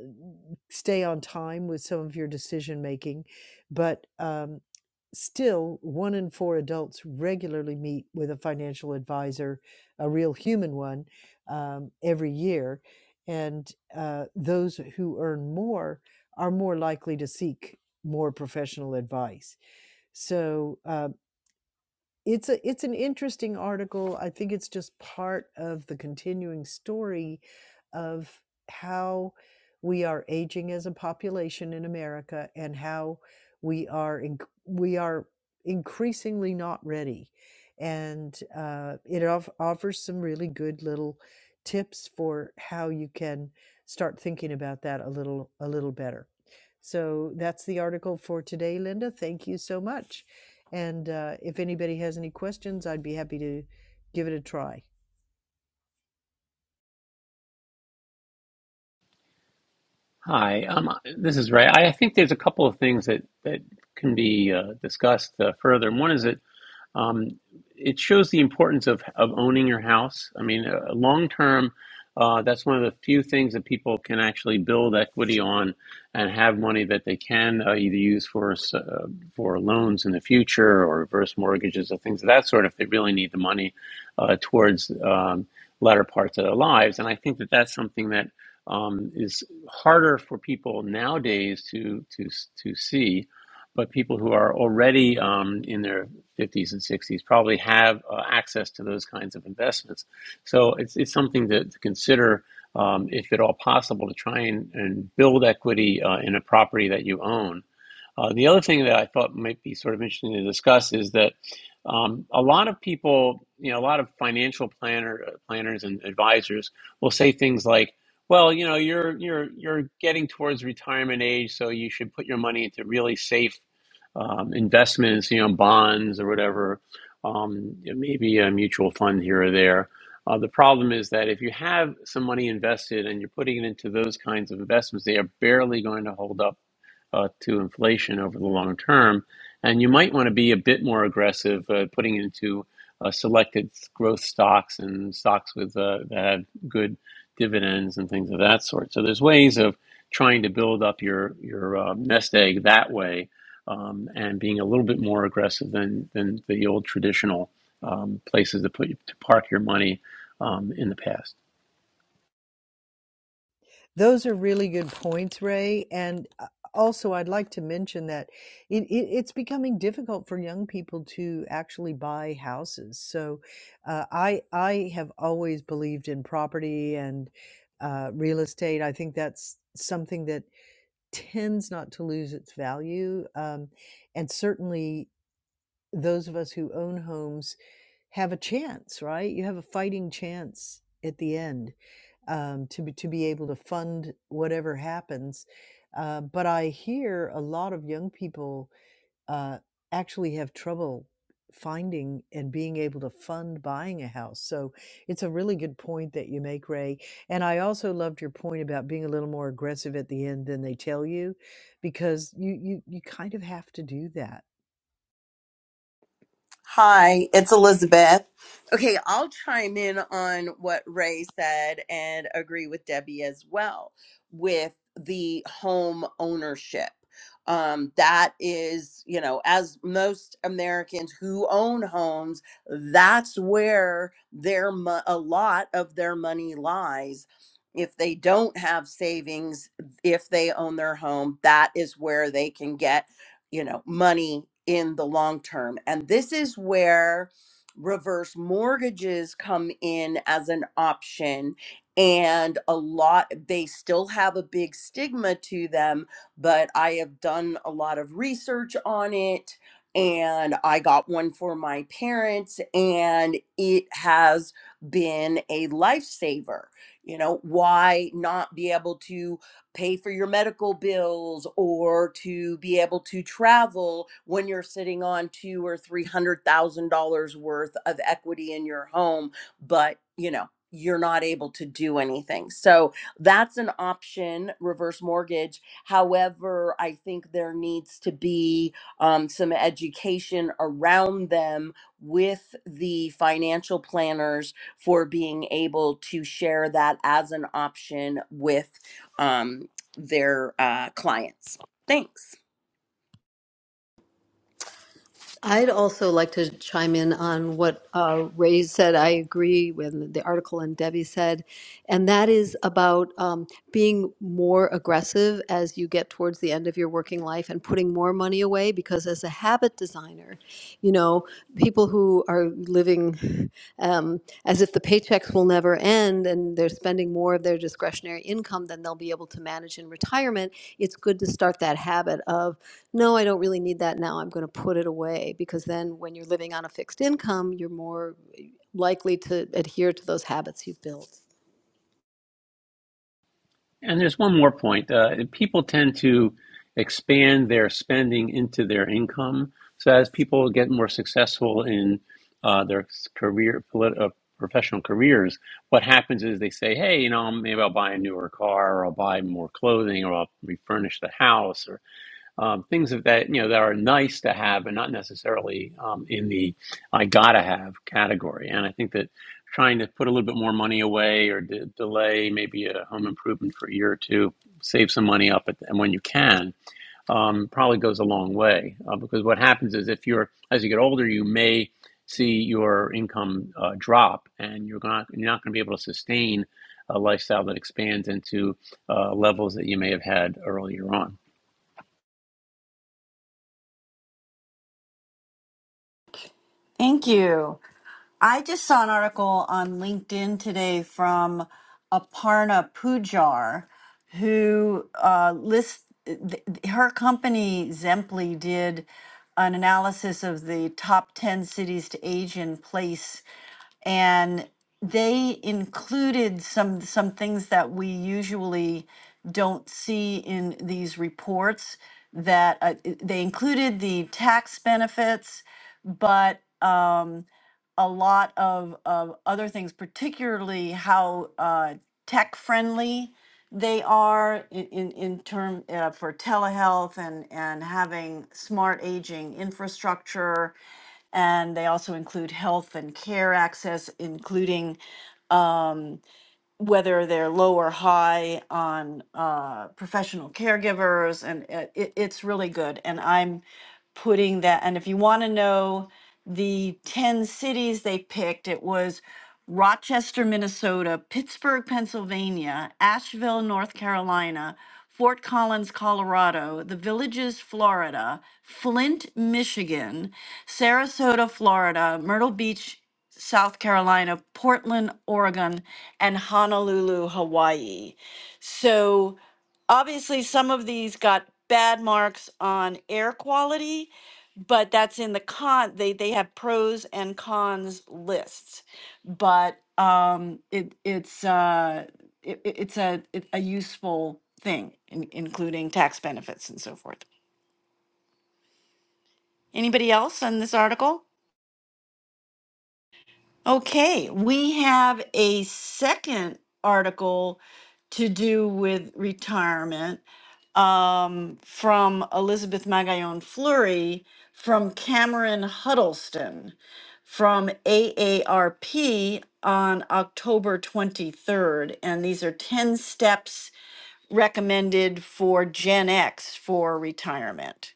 stay on time with some of your decision making. But um, still, one in four adults regularly meet with a financial advisor, a real human one, um, every year. And uh, those who earn more are more likely to seek more professional advice. So uh, it's a it's an interesting article. I think it's just part of the continuing story of how we are aging as a population in America and how we are in, we are increasingly not ready. And uh, it off- offers some really good little tips for how you can start thinking about that a little a little better. So that's the article for today, Linda. Thank you so much. And uh, if anybody has any questions, I'd be happy to give it a try. Hi, um, this is Ray. I, think there's a couple of things that that can be uh, discussed uh, further. And one is that um, it shows the importance of, of owning your house. I mean, uh, long term, uh, that's one of the few things that people can actually build equity on and have money that they can uh, either use for uh, for loans in the future or reverse mortgages or things of that sort if they really need the money uh, towards um, latter parts of their lives. And I think that that's something that um, is harder for people nowadays to to to see but people who are already um, in their 50s and 60s probably have uh, access to those kinds of investments. So it's, it's something to, to consider um, if at all possible to try and, and build equity uh, in a property that you own uh, the other thing that I thought might be sort of interesting to discuss is that um, a lot of people, you know, a lot of financial planner uh, planners and advisors will say things like, "Well, you know, you're you're you're getting towards retirement age, so you should put your money into really safe um, investments, you know, bonds or whatever, um, maybe a mutual fund here or there." Uh, the problem is that if you have some money invested and you're putting it into those kinds of investments, they are barely going to hold up uh, to inflation over the long term. And you might want to be a bit more aggressive uh, putting into uh, selected growth stocks and stocks with uh, that have good dividends and things of that sort. So there's ways of trying to build up your your um, nest egg that way um, and being a little bit more aggressive than than the old traditional um, places to put to park your money um, in the past. Those are really good points, Ray. And uh, also, I'd like to mention that it, it, it's becoming difficult for young people to actually buy houses. So, uh, I I have always believed in property and uh, real estate. I think that's something that tends not to lose its value, um, and certainly those of us who own homes have a chance, right? You have a fighting chance at the end um, to be, to be able to fund whatever happens. Uh, but I hear a lot of young people uh, actually have trouble finding and being able to fund buying a house. So it's a really good point that you make, Ray. And I also loved your point about being a little more aggressive at the end than they tell you, because you you you kind of have to do that Hi, it's Elizabeth. Okay, I'll chime in on what Ray said and agree with Debbie as well with the home ownership. Um, that is, you know, as most Americans who own homes, that's where their mo- a lot of their money lies. If they don't have savings, if they own their home, that is where they can get you know money in the long term and this is where reverse mortgages come in as an option and a lot they still have a big stigma to them but i have done a lot of research on it and i got one for my parents and it has been a lifesaver you know why not be able to pay for your medical bills or to be able to travel when you're sitting on two or three hundred thousand dollars worth of equity in your home but you know you're not able to do anything so that's an option reverse mortgage however i think there needs to be um, some education around them with the financial planners for being able to share that as an option with um, their uh, clients. Thanks. I'd also like to chime in on what uh, Ray said. I agree with the article and Debbie said, and that is about um, being more aggressive as you get towards the end of your working life and putting more money away. Because as a habit designer, you know, people who are living <laughs> um, as if the paychecks will never end and they're spending more of their discretionary income than they'll be able to manage in retirement, it's good to start that habit of, no, I don't really need that now. I'm going to put it away. Because then when you're living on a fixed income, you're more likely to adhere to those habits you've built. And there's one more point. Uh, people tend to expand their spending into their income. So as people get more successful in uh, their career, polit- uh, professional careers, what happens is they say, "Hey, you know, maybe I'll buy a newer car, or I'll buy more clothing, or I'll refurnish the house." or um, things of that you know that are nice to have but not necessarily um, in the i gotta have category and i think that trying to put a little bit more money away or de- delay maybe a home improvement for a year or two save some money up at, the, and when you can um, probably goes a long way uh, because what happens is if you're as you get older you may see your income uh, drop and you're not you're not going to be able to sustain a lifestyle that expands into uh, levels that you may have had earlier on Thank you. I just saw an article on LinkedIn today from Aparna Pujar, who uh, lists th- th- her company Zemply did an analysis of the top 10 cities to age in place and they included some some things that we usually don't see in these reports that uh, i- they included the tax benefits but um, a lot of, of other things, particularly how uh, tech friendly they are in, in, in term uh, for telehealth and, and having smart aging infrastructure. And they also include health and care access, including whether they're low or high on uh, professional caregivers, and it, it- it's really good. And I'm putting that. And if you want to know the ten cities they picked, it was Rochester, Minnesota, Pittsburgh, Pennsylvania, Asheville, North Carolina, Fort Collins, Colorado, The Villages, Florida, Flint, Michigan, Sarasota, Florida, Myrtle Beach. South Carolina, Portland, Oregon, and Honolulu, Hawaii. So obviously, some of these got bad marks on air quality, but that's in the con. They they have pros and cons lists, but um, it it's uh, it, it- it's a it, a useful thing, in, including tax benefits and so forth. Anybody else on this article? Okay, we have a second article to do with retirement um, from Elizabeth Magallon Fleury from Cameron Huddleston from AARP on October 23rd. And these are 10 steps recommended for Gen X for retirement.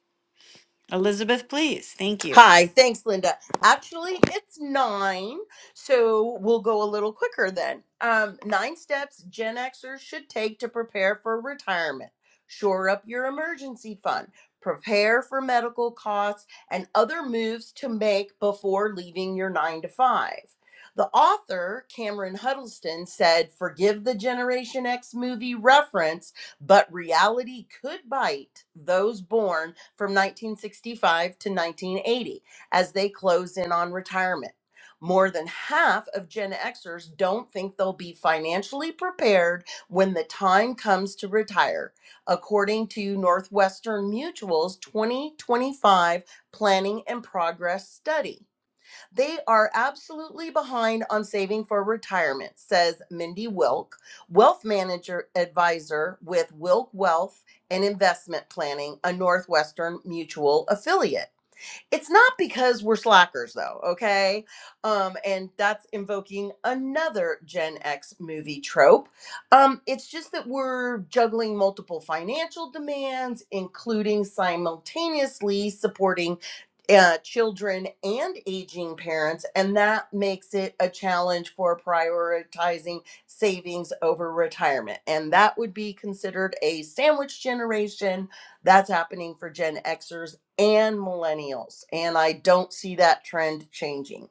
Elizabeth, please. Thank you. Hi, thanks, Linda. Actually, it's nine, so we'll go a little quicker then. Um, nine steps Gen Xers should take to prepare for retirement. Shore up your emergency fund, prepare for medical costs, and other moves to make before leaving your nine to five. The author, Cameron Huddleston, said, Forgive the Generation X movie reference, but reality could bite those born from 1965 to 1980 as they close in on retirement. More than half of Gen Xers don't think they'll be financially prepared when the time comes to retire, according to Northwestern Mutual's 2025 Planning and Progress Study. They are absolutely behind on saving for retirement, says Mindy Wilk, wealth manager advisor with Wilk Wealth and Investment Planning, a Northwestern Mutual affiliate. It's not because we're slackers, though, okay? Um, and that's invoking another Gen X movie trope. Um, it's just that we're juggling multiple financial demands, including simultaneously supporting uh, children and aging parents, and that makes it a challenge for prioritizing savings over retirement. And that would be considered a sandwich generation. That's happening for Gen Xers and millennials. And I don't see that trend changing.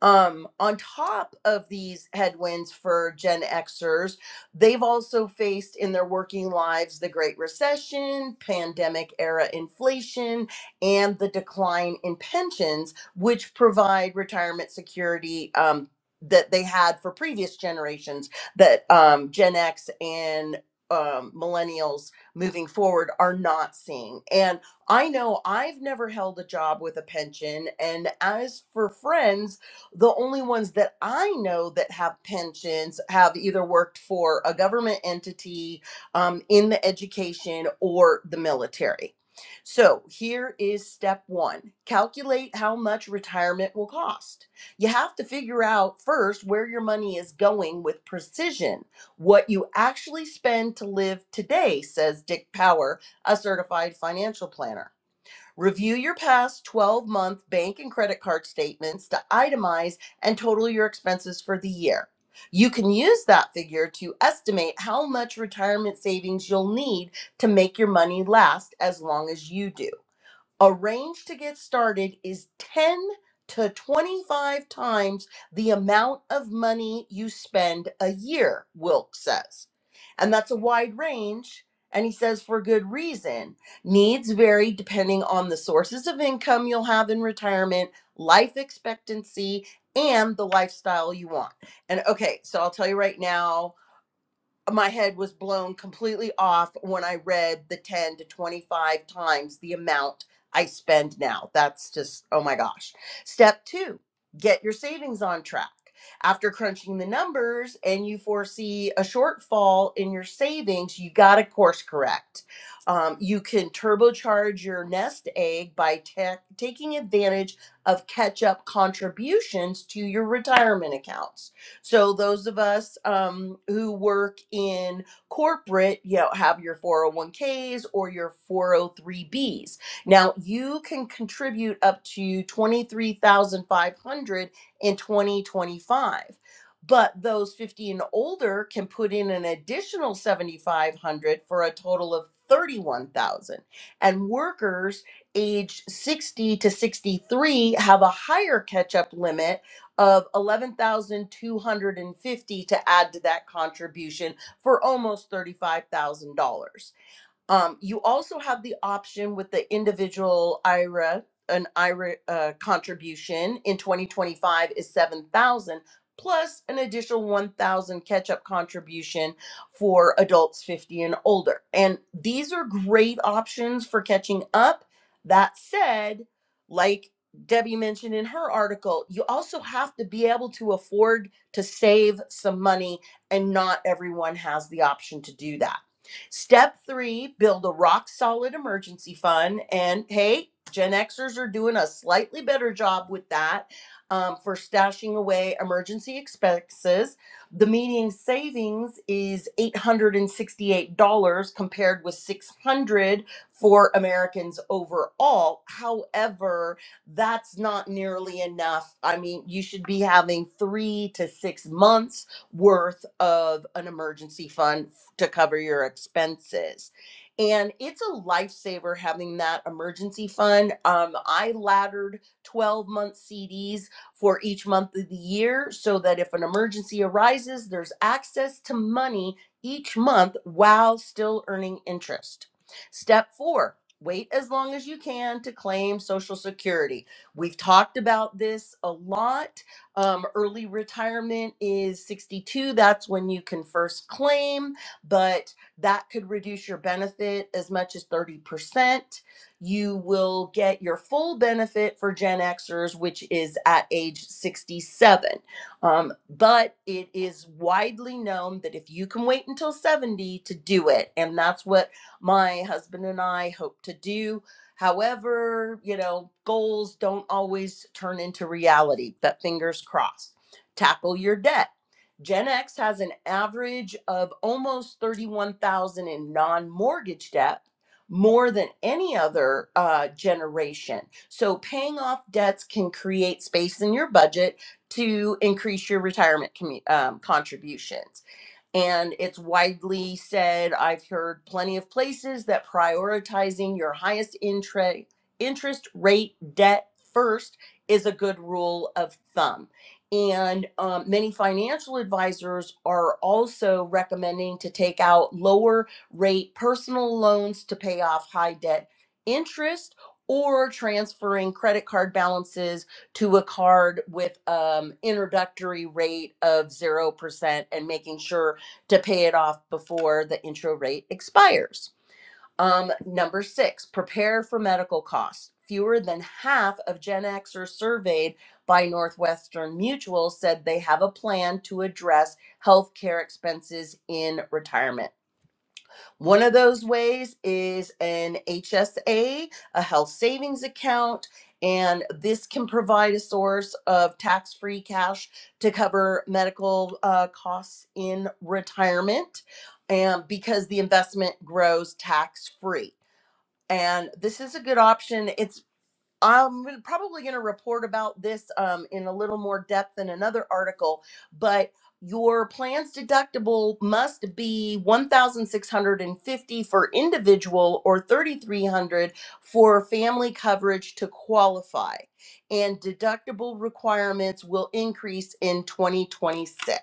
Um, on top of these headwinds for Gen Xers, they've also faced in their working lives the Great Recession, pandemic era inflation, and the decline in pensions, which provide retirement security um, that they had for previous generations that um, Gen X and um, millennials moving forward are not seeing. And I know I've never held a job with a pension. And as for friends, the only ones that I know that have pensions have either worked for a government entity um, in the education or the military. So here is step one calculate how much retirement will cost. You have to figure out first where your money is going with precision. What you actually spend to live today, says Dick Power, a certified financial planner. Review your past 12 month bank and credit card statements to itemize and total your expenses for the year. You can use that figure to estimate how much retirement savings you'll need to make your money last as long as you do. A range to get started is 10 to 25 times the amount of money you spend a year, Wilk says. And that's a wide range. And he says for good reason. Needs vary depending on the sources of income you'll have in retirement, life expectancy, and the lifestyle you want. And okay, so I'll tell you right now my head was blown completely off when I read the 10 to 25 times the amount I spend now. That's just, oh my gosh. Step two, get your savings on track. After crunching the numbers and you foresee a shortfall in your savings, you got to course correct. Um, you can turbocharge your nest egg by ta- taking advantage of catch up contributions to your retirement accounts so those of us um, who work in corporate, you know, have your 401ks or your 403bs. Now you can contribute up to 23,500 in 2025. But those 50 and older can put in an additional 7,500 for a total of 31,000. And workers age 60 to 63 have a higher catch up limit of 11,250 to add to that contribution for almost $35,000. Um, you also have the option with the individual IRA, an IRA uh, contribution in 2025 is 7,000 plus an additional 1,000 catch-up contribution for adults 50 and older. And these are great options for catching up. That said, like Debbie mentioned in her article, you also have to be able to afford to save some money, and not everyone has the option to do that. Step three, build a rock solid emergency fund. And hey, Gen Xers are doing a slightly better job with that um, for stashing away emergency expenses. The median savings is $868 compared with 600 for Americans overall. However, that's not nearly enough. I mean, you should be having three to six months worth of an emergency fund to cover your expenses. And it's a lifesaver having that emergency fund. Um, I laddered 12 month CDs for each month of the year so that if an emergency arises, there's access to money each month while still earning interest. Step four, wait as long as you can to claim Social Security. We've talked about this a lot um, early retirement is 62. That's when you can first claim, but that could reduce your benefit as much as 30%. You will get your full benefit for Gen Xers, which is at age 67. Um, but it is widely known that if you can wait until 70 to do it, and that's what my husband and I hope to do However, you know, goals don't always turn into reality, but fingers crossed. Tackle your debt. Gen X has an average of almost 31,000 in non-mortgage debt, more than any other uh, generation. So paying off debts can create space in your budget to increase your retirement commu- um, contributions. And it's widely said, I've heard plenty of places that prioritizing your highest intre- interest rate debt first is a good rule of thumb. And um, many financial advisors are also recommending to take out lower rate personal loans to pay off high debt interest or transferring credit card balances to a card with um, introductory rate of 0% and making sure to pay it off before the intro rate expires. Um, number six, prepare for medical costs. Fewer than half of Gen Xers surveyed by Northwestern Mutual said they have a plan to address healthcare expenses in retirement. One of those ways is an HSA, a a health savings account, and this can provide a source of tax free cash to cover medical uh, costs in retirement and because the investment grows tax free. And this is a good option. It's I'm gonna- probably going to report about this um, in a little more depth in another article, but your plan's deductible must be 1650 for individual or 3300 for family coverage to qualify and deductible requirements will increase in 2026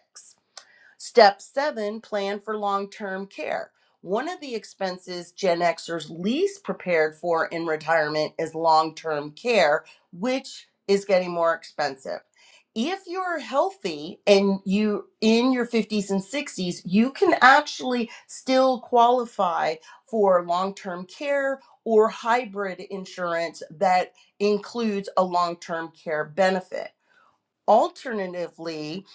Step seven, plan for long term care. One of the expenses Gen Xers least prepared for in retirement is long term care, which is getting more expensive. If you're healthy and you in your 50s and 60s, you can actually still qualify for long-term care or hybrid insurance that includes a long-term care benefit Alternatively,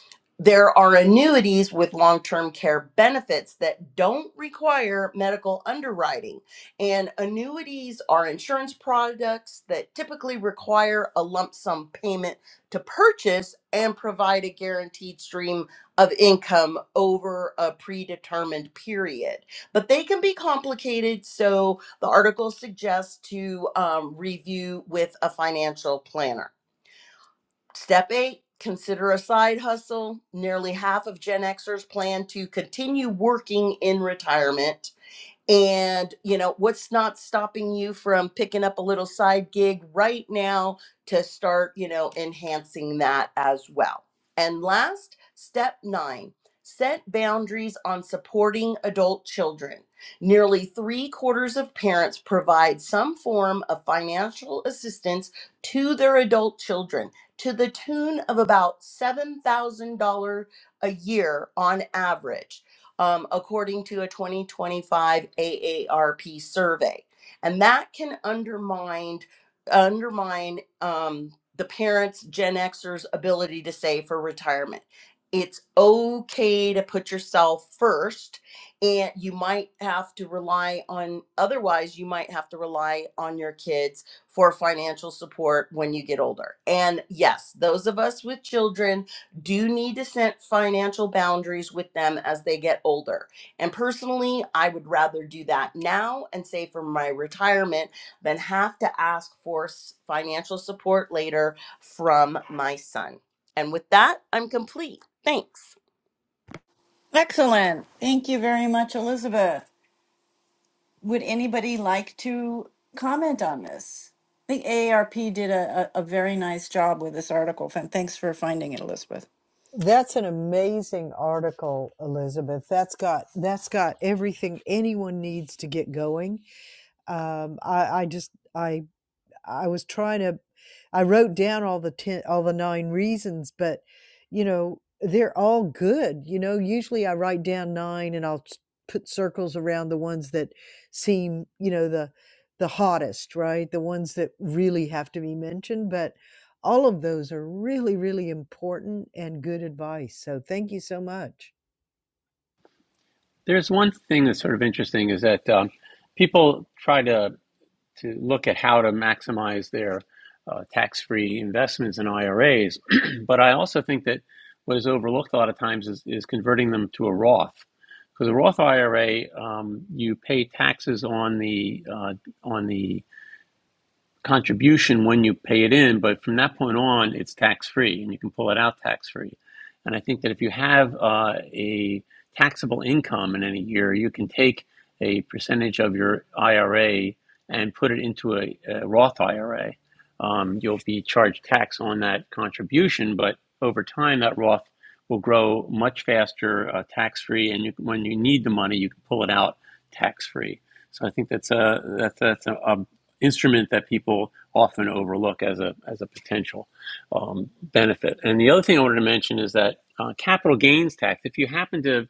there are annuities with long term care benefits that don't require medical underwriting. And annuities are insurance products that typically require a lump sum payment to purchase and provide a guaranteed stream of income over a predetermined period. But they can be complicated, so the article suggests to um, review with a financial planner. Step eight, consider a side hustle. Nearly half of Gen Xers plan to continue working in retirement. And, you know, what's not stopping you from picking up a little side gig right now to start, you know, enhancing that as well? And last, step nine set boundaries on supporting adult children. Nearly three quarters of parents provide some form of financial assistance to their adult children to the tune of about $7,000 a year on average um, according to a 2025 AARP survey. And that can undermine undermine um, the parents, Gen Xers' ability to save for retirement. It's okay to put yourself first, and you might have to rely on, otherwise, you might have to rely on your kids for financial support when you get older. And yes, those of us with children do need to set financial boundaries with them as they get older. And personally, I would rather do that now and save for my retirement than have to ask for financial support later from my son. And with that, I'm complete. Thanks. Excellent. Thank you very much, Elizabeth. Would anybody like to comment on this? I think AARP did a, a, a very nice job with this article. and Thanks for finding it, Elizabeth. That's an amazing article, Elizabeth. That's got that's got everything anyone needs to get going. Um, I, I just I I was trying to I wrote down all the 10 all the 9 reasons, but you know, they're all good. You know, usually I write down 9 and I'll s- put circles around the ones that seem, you know, the the hottest, right? The ones that really have to be mentioned, but all of those are really really important and good advice. So thank you so much. There's one thing that's sort of interesting is that um, people try to to look at how to maximize their uh, tax-free investments in IRAs, <clears throat> but I also think that what is overlooked a lot of times is, is converting them to a Roth. Because a Roth IRA, um, you pay taxes on the uh, on the contribution when you pay it in, but from that point on, it's tax free and you can pull it out tax free. And I think that if you have uh, a taxable income in any year, you can take a percentage of your IRA and put it into a, a Roth IRA. Um, you'll be charged tax on that contribution, but over time, that Roth will grow much faster uh, tax free. And you, when you need the money, you can pull it out tax free. So I think that's a that's that's a, a instrument that people often overlook as a as a potential um, benefit. And the other thing I wanted to mention is that uh, capital gains tax. If you happen to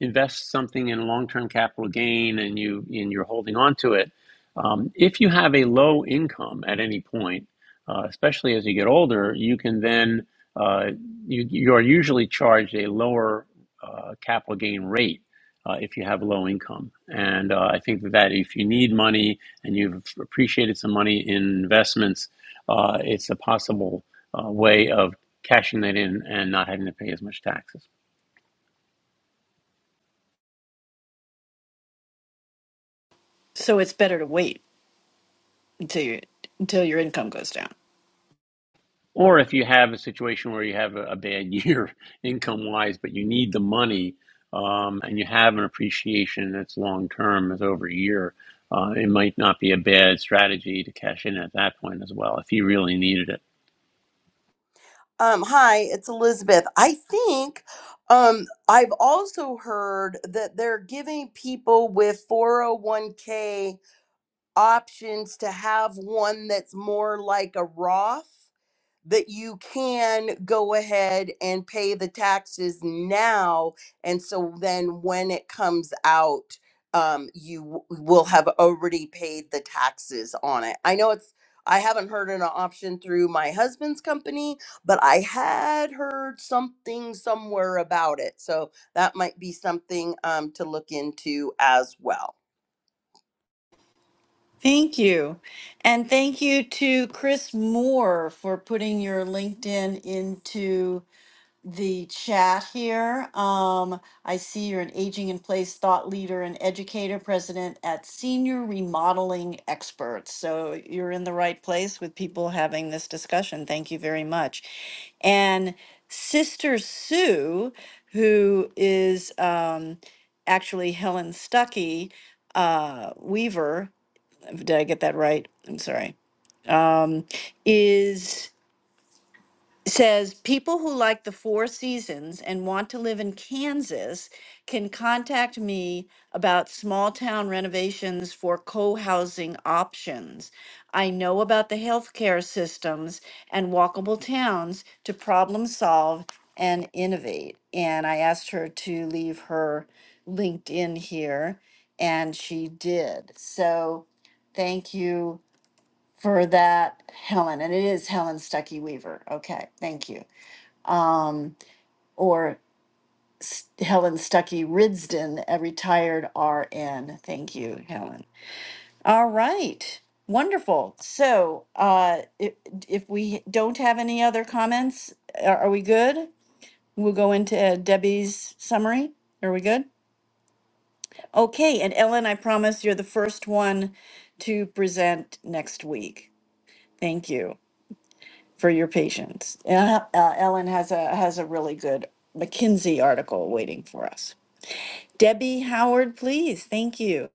invest something in long-term capital gain and you and you're holding on to it, um, if you have a low income at any point, uh, especially as you get older, you can then uh, you you are usually charged a lower uh, capital gain rate uh, if you have low income. And uh, I think that if you need money and you've appreciated some money in investments, uh, it's a possible uh, way of cashing that in and not having to pay as much taxes. So it's better to wait until you, until your income goes down. Or if you have a situation where you have a, a bad year <laughs> income wise, but you need the money um, and you have an appreciation that's long term, is over a year, uh, it might not be a bad strategy to cash in at that point as well if you really needed it. Um, hi, it's Elizabeth. I think um, I've also heard that they're giving people with 401k options to have one that's more like a Roth. that you can go ahead and pay the taxes now. And so then when it comes out, um, you w- will have already paid the taxes on it. I know it's, I haven't heard an option through my husband's company, but I had heard something somewhere about it. So that might be something um, to look into as well. Thank you. And thank you to Chris Moore for putting your LinkedIn into the chat here. Um, I see you're an aging in place thought leader and educator, president at Senior Remodeling Experts. So you're in the right place with people having this discussion. Thank you very much. And Sister Sue, who is um, actually Helen Stuckey uh, Weaver, did I get that right? I'm sorry. Um, is it says people who like the four seasons and want to live in Kansas can contact me about small town renovations for co-housing options. I know about the healthcare systems and walkable towns to problem solve and innovate. And I asked her to leave her LinkedIn here and she did. So thank you for that, Helen. And it is Helen Stuckey Weaver. Okay, thank you um, or S- Helen Stuckey Ridsden, a retired RN. Thank you, Helen. All right. Wonderful. So, uh, if, if we don't have any other comments, are, are we good? We'll go into uh, Debbie's summary. Are we good? Okay. And Ellen, I promise you're the first one to present next week. Thank you for your patience. Uh, uh, Ellen has a has a really good McKinsey article waiting for us. Debbie Howard, please. Thank you.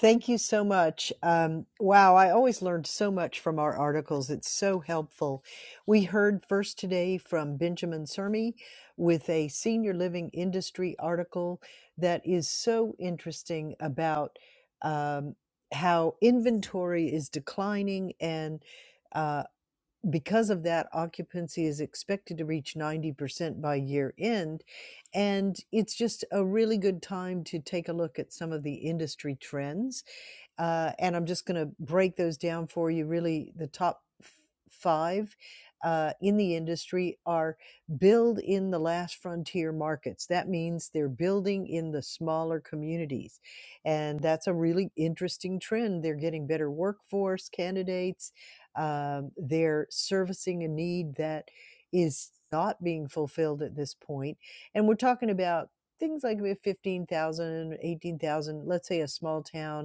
Thank you so much. Um, wow, I always learned so much from our articles. It's so helpful. We heard first today from Benjamin Sermi with a senior living industry article that is so interesting about um, how inventory is declining and uh, because of that, occupancy is expected to reach 90% by year end. And it's just a really good time to take a look at some of the industry trends uh, and I'm just going to break those down for you. Really, the top f- five uh, in the industry are build in the last frontier markets. That means they're building in the smaller communities, and that's a really interesting trend. They're getting better workforce candidates. Um, they're servicing a need that is not being fulfilled at this point, and we're talking about. Things like we have 15,000, let's say a small town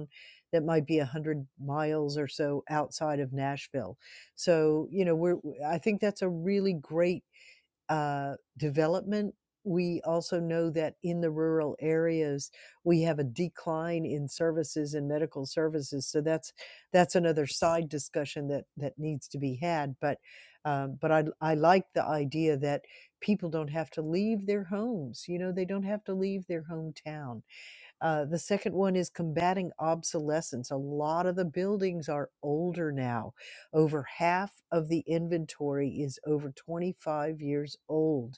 that might be 100 miles or so outside of Nashville. So, you know, we're, I think that's a really great uh, development. We also know that in the rural areas, we have a decline in services and medical services. So that's that's another side discussion that that needs to be had. But um, but I I like the idea that people don't have to leave their homes. You know, they don't have to leave their hometown. Uh, the second one is combating obsolescence. A lot of the buildings are older now. Over half of the inventory is over 25 years old.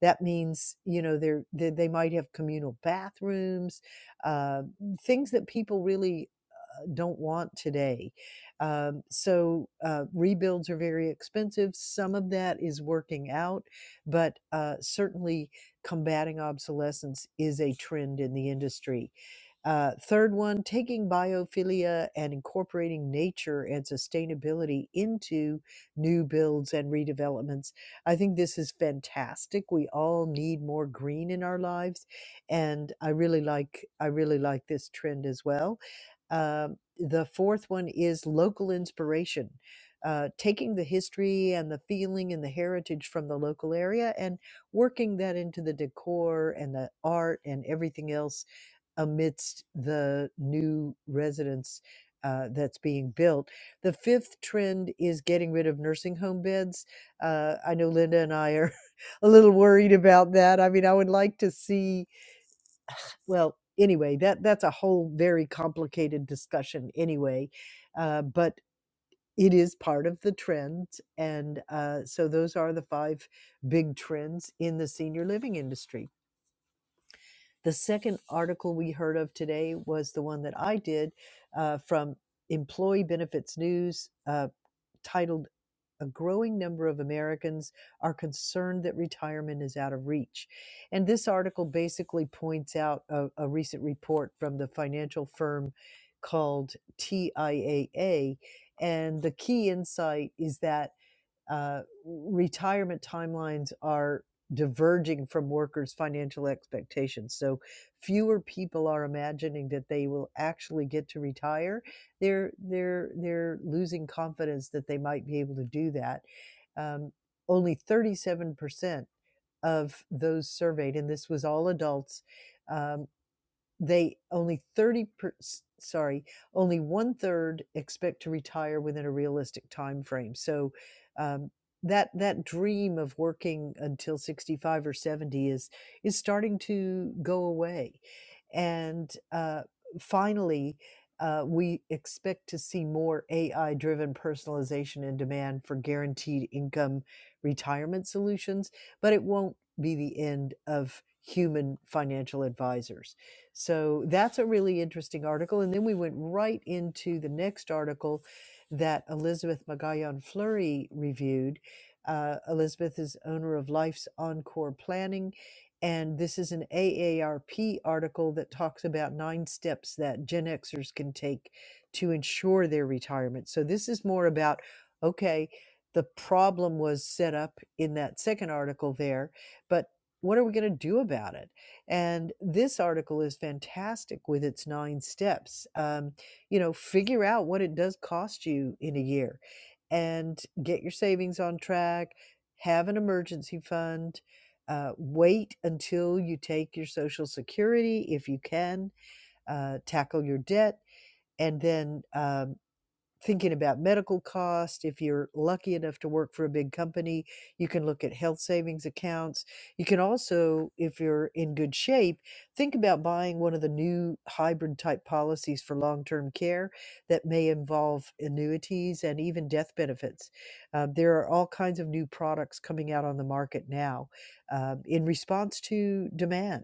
That means, you know, they're, they, they might have communal bathrooms, uh, things that people really uh, don't want today. Um, so uh, rebuilds are very expensive. Some of that is working out, but uh, certainly combating obsolescence is a trend in the industry uh, third one, taking biophilia and incorporating nature and sustainability into new builds and redevelopments. I think this is fantastic. We all need more green in our lives, and I really like I really like this trend as well. Um, the fourth one is local inspiration. Uh, taking the history and the feeling and the heritage from the local area and working that into the decor and the art and everything else amidst the new residence uh, that's being built. The fifth trend is getting rid of nursing home beds. Uh, I know Linda and I are <laughs> a little worried about that. I mean, I would like to see. Well, anyway, that that's a whole very complicated discussion. Anyway, uh, but it is part of the trend, and uh, so those are the five big trends in the senior living industry. The second article we heard of today was the one that I did uh, from Employee Benefits News uh, titled A Growing Number of Americans Are Concerned That Retirement is Out of Reach. And this article basically points out a, a recent report from the financial firm called TIAA. And the key insight is that uh, retirement timelines are diverging from workers' financial expectations. So fewer people are imagining that they will actually get to retire. They're they're they're losing confidence that they might be able to do that. Um, only 37% of those surveyed, and this was all adults, um, they only 30 per, sorry only one third expect to retire within a realistic time frame so um, that that dream of working until 65 or 70 is is starting to go away and uh, finally uh, we expect to see more AI driven personalization and demand for guaranteed income retirement solutions, but it won't be the end of human financial advisors so that's a really interesting article. And then we went right into the next article that Elizabeth Magayan Fleury reviewed. Uh, Elizabeth is owner of Life's Encore Planning. And this is an AARP article that talks about nine steps that Gen Xers can take to ensure their retirement. So this is more about, okay, the problem was set up in that second article there, but what are we going to do about it? And this article is fantastic with its nine steps. Um, you know, figure out what it does cost you in a year and get your savings on track, have an emergency fund, uh, wait until you take your Social Security if you can, uh, tackle your debt, and then. um thinking about medical costs. If you're lucky enough to work for a big company, you can look at health savings accounts. You can also, if you're in good shape, think about buying one of the new hybrid type policies for long term care that may involve annuities and even death benefits. Uh, there are all kinds of new products coming out on the market now um, in response to demand.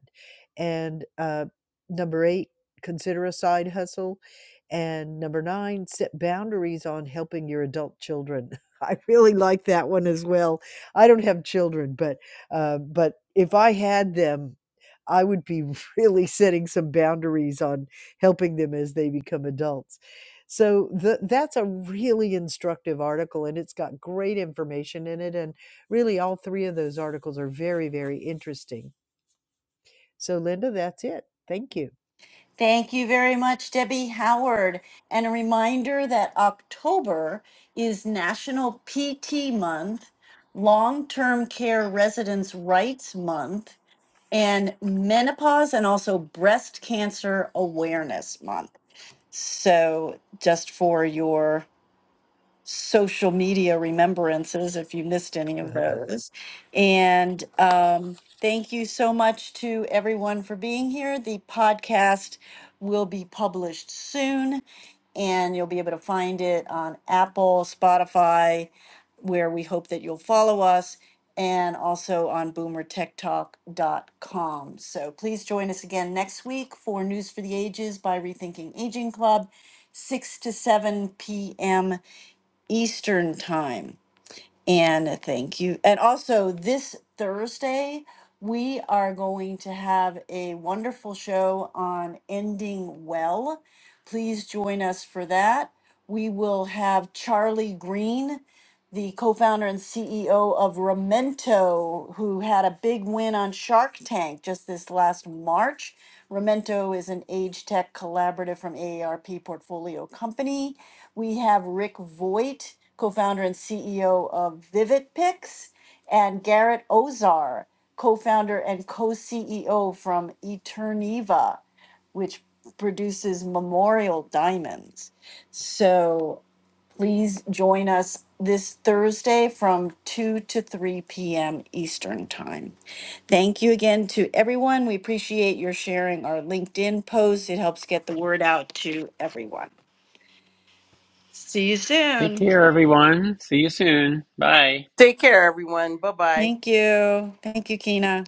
And uh, number eight, consider a side hustle and number 9, set boundaries on helping your adult children. <laughs> I really like that one as well. I don't have children, but, uh, but if I had them, I would be <laughs> really setting some boundaries on helping them as they become adults. So th that's a really instructive article, and it's got great information in it, and really all 3 of those articles are very, very interesting. So Linda, that's it. Thank you. Thank you very much, Debbie Howard. And a reminder that October is National PT Month, Long Term Care Residents' Rights Month, and Menopause and also Breast Cancer Awareness Month. So, just for your social media remembrances if you missed any <laughs> of those. And um, thank you so much to everyone for being here. The podcast will be published soon, and you'll be able to find it on Apple, Spotify, where we hope that you'll follow us. And also on boomer tech talk dot com. So please join us again next week for News for the Ages by Rethinking Aging Club, 6 to 7 p.m. Eastern time. And thank you. And also, this Thursday, we are going to have a wonderful show on ending well. Please join us for that. We will have Charlie Green the co-founder and CEO of Remento, who had a big win on Shark Tank just this last March. Remento is an age tech collaborative from AARP portfolio company. We have Rick Voigt, co-founder and CEO of VividPix, and Garrett Ozar, co-founder and co-CEO from Eterniva, which produces memorial diamonds. So Please join us this Thursday from 2 to 3 p.m. Eastern Time. Thank you again to everyone. We appreciate your sharing our LinkedIn post. It helps get the word out to everyone. See you Take soon. care, everyone. See you soon. Bye. Take care, everyone. Bye bye. Thank you. Thank you, Kina.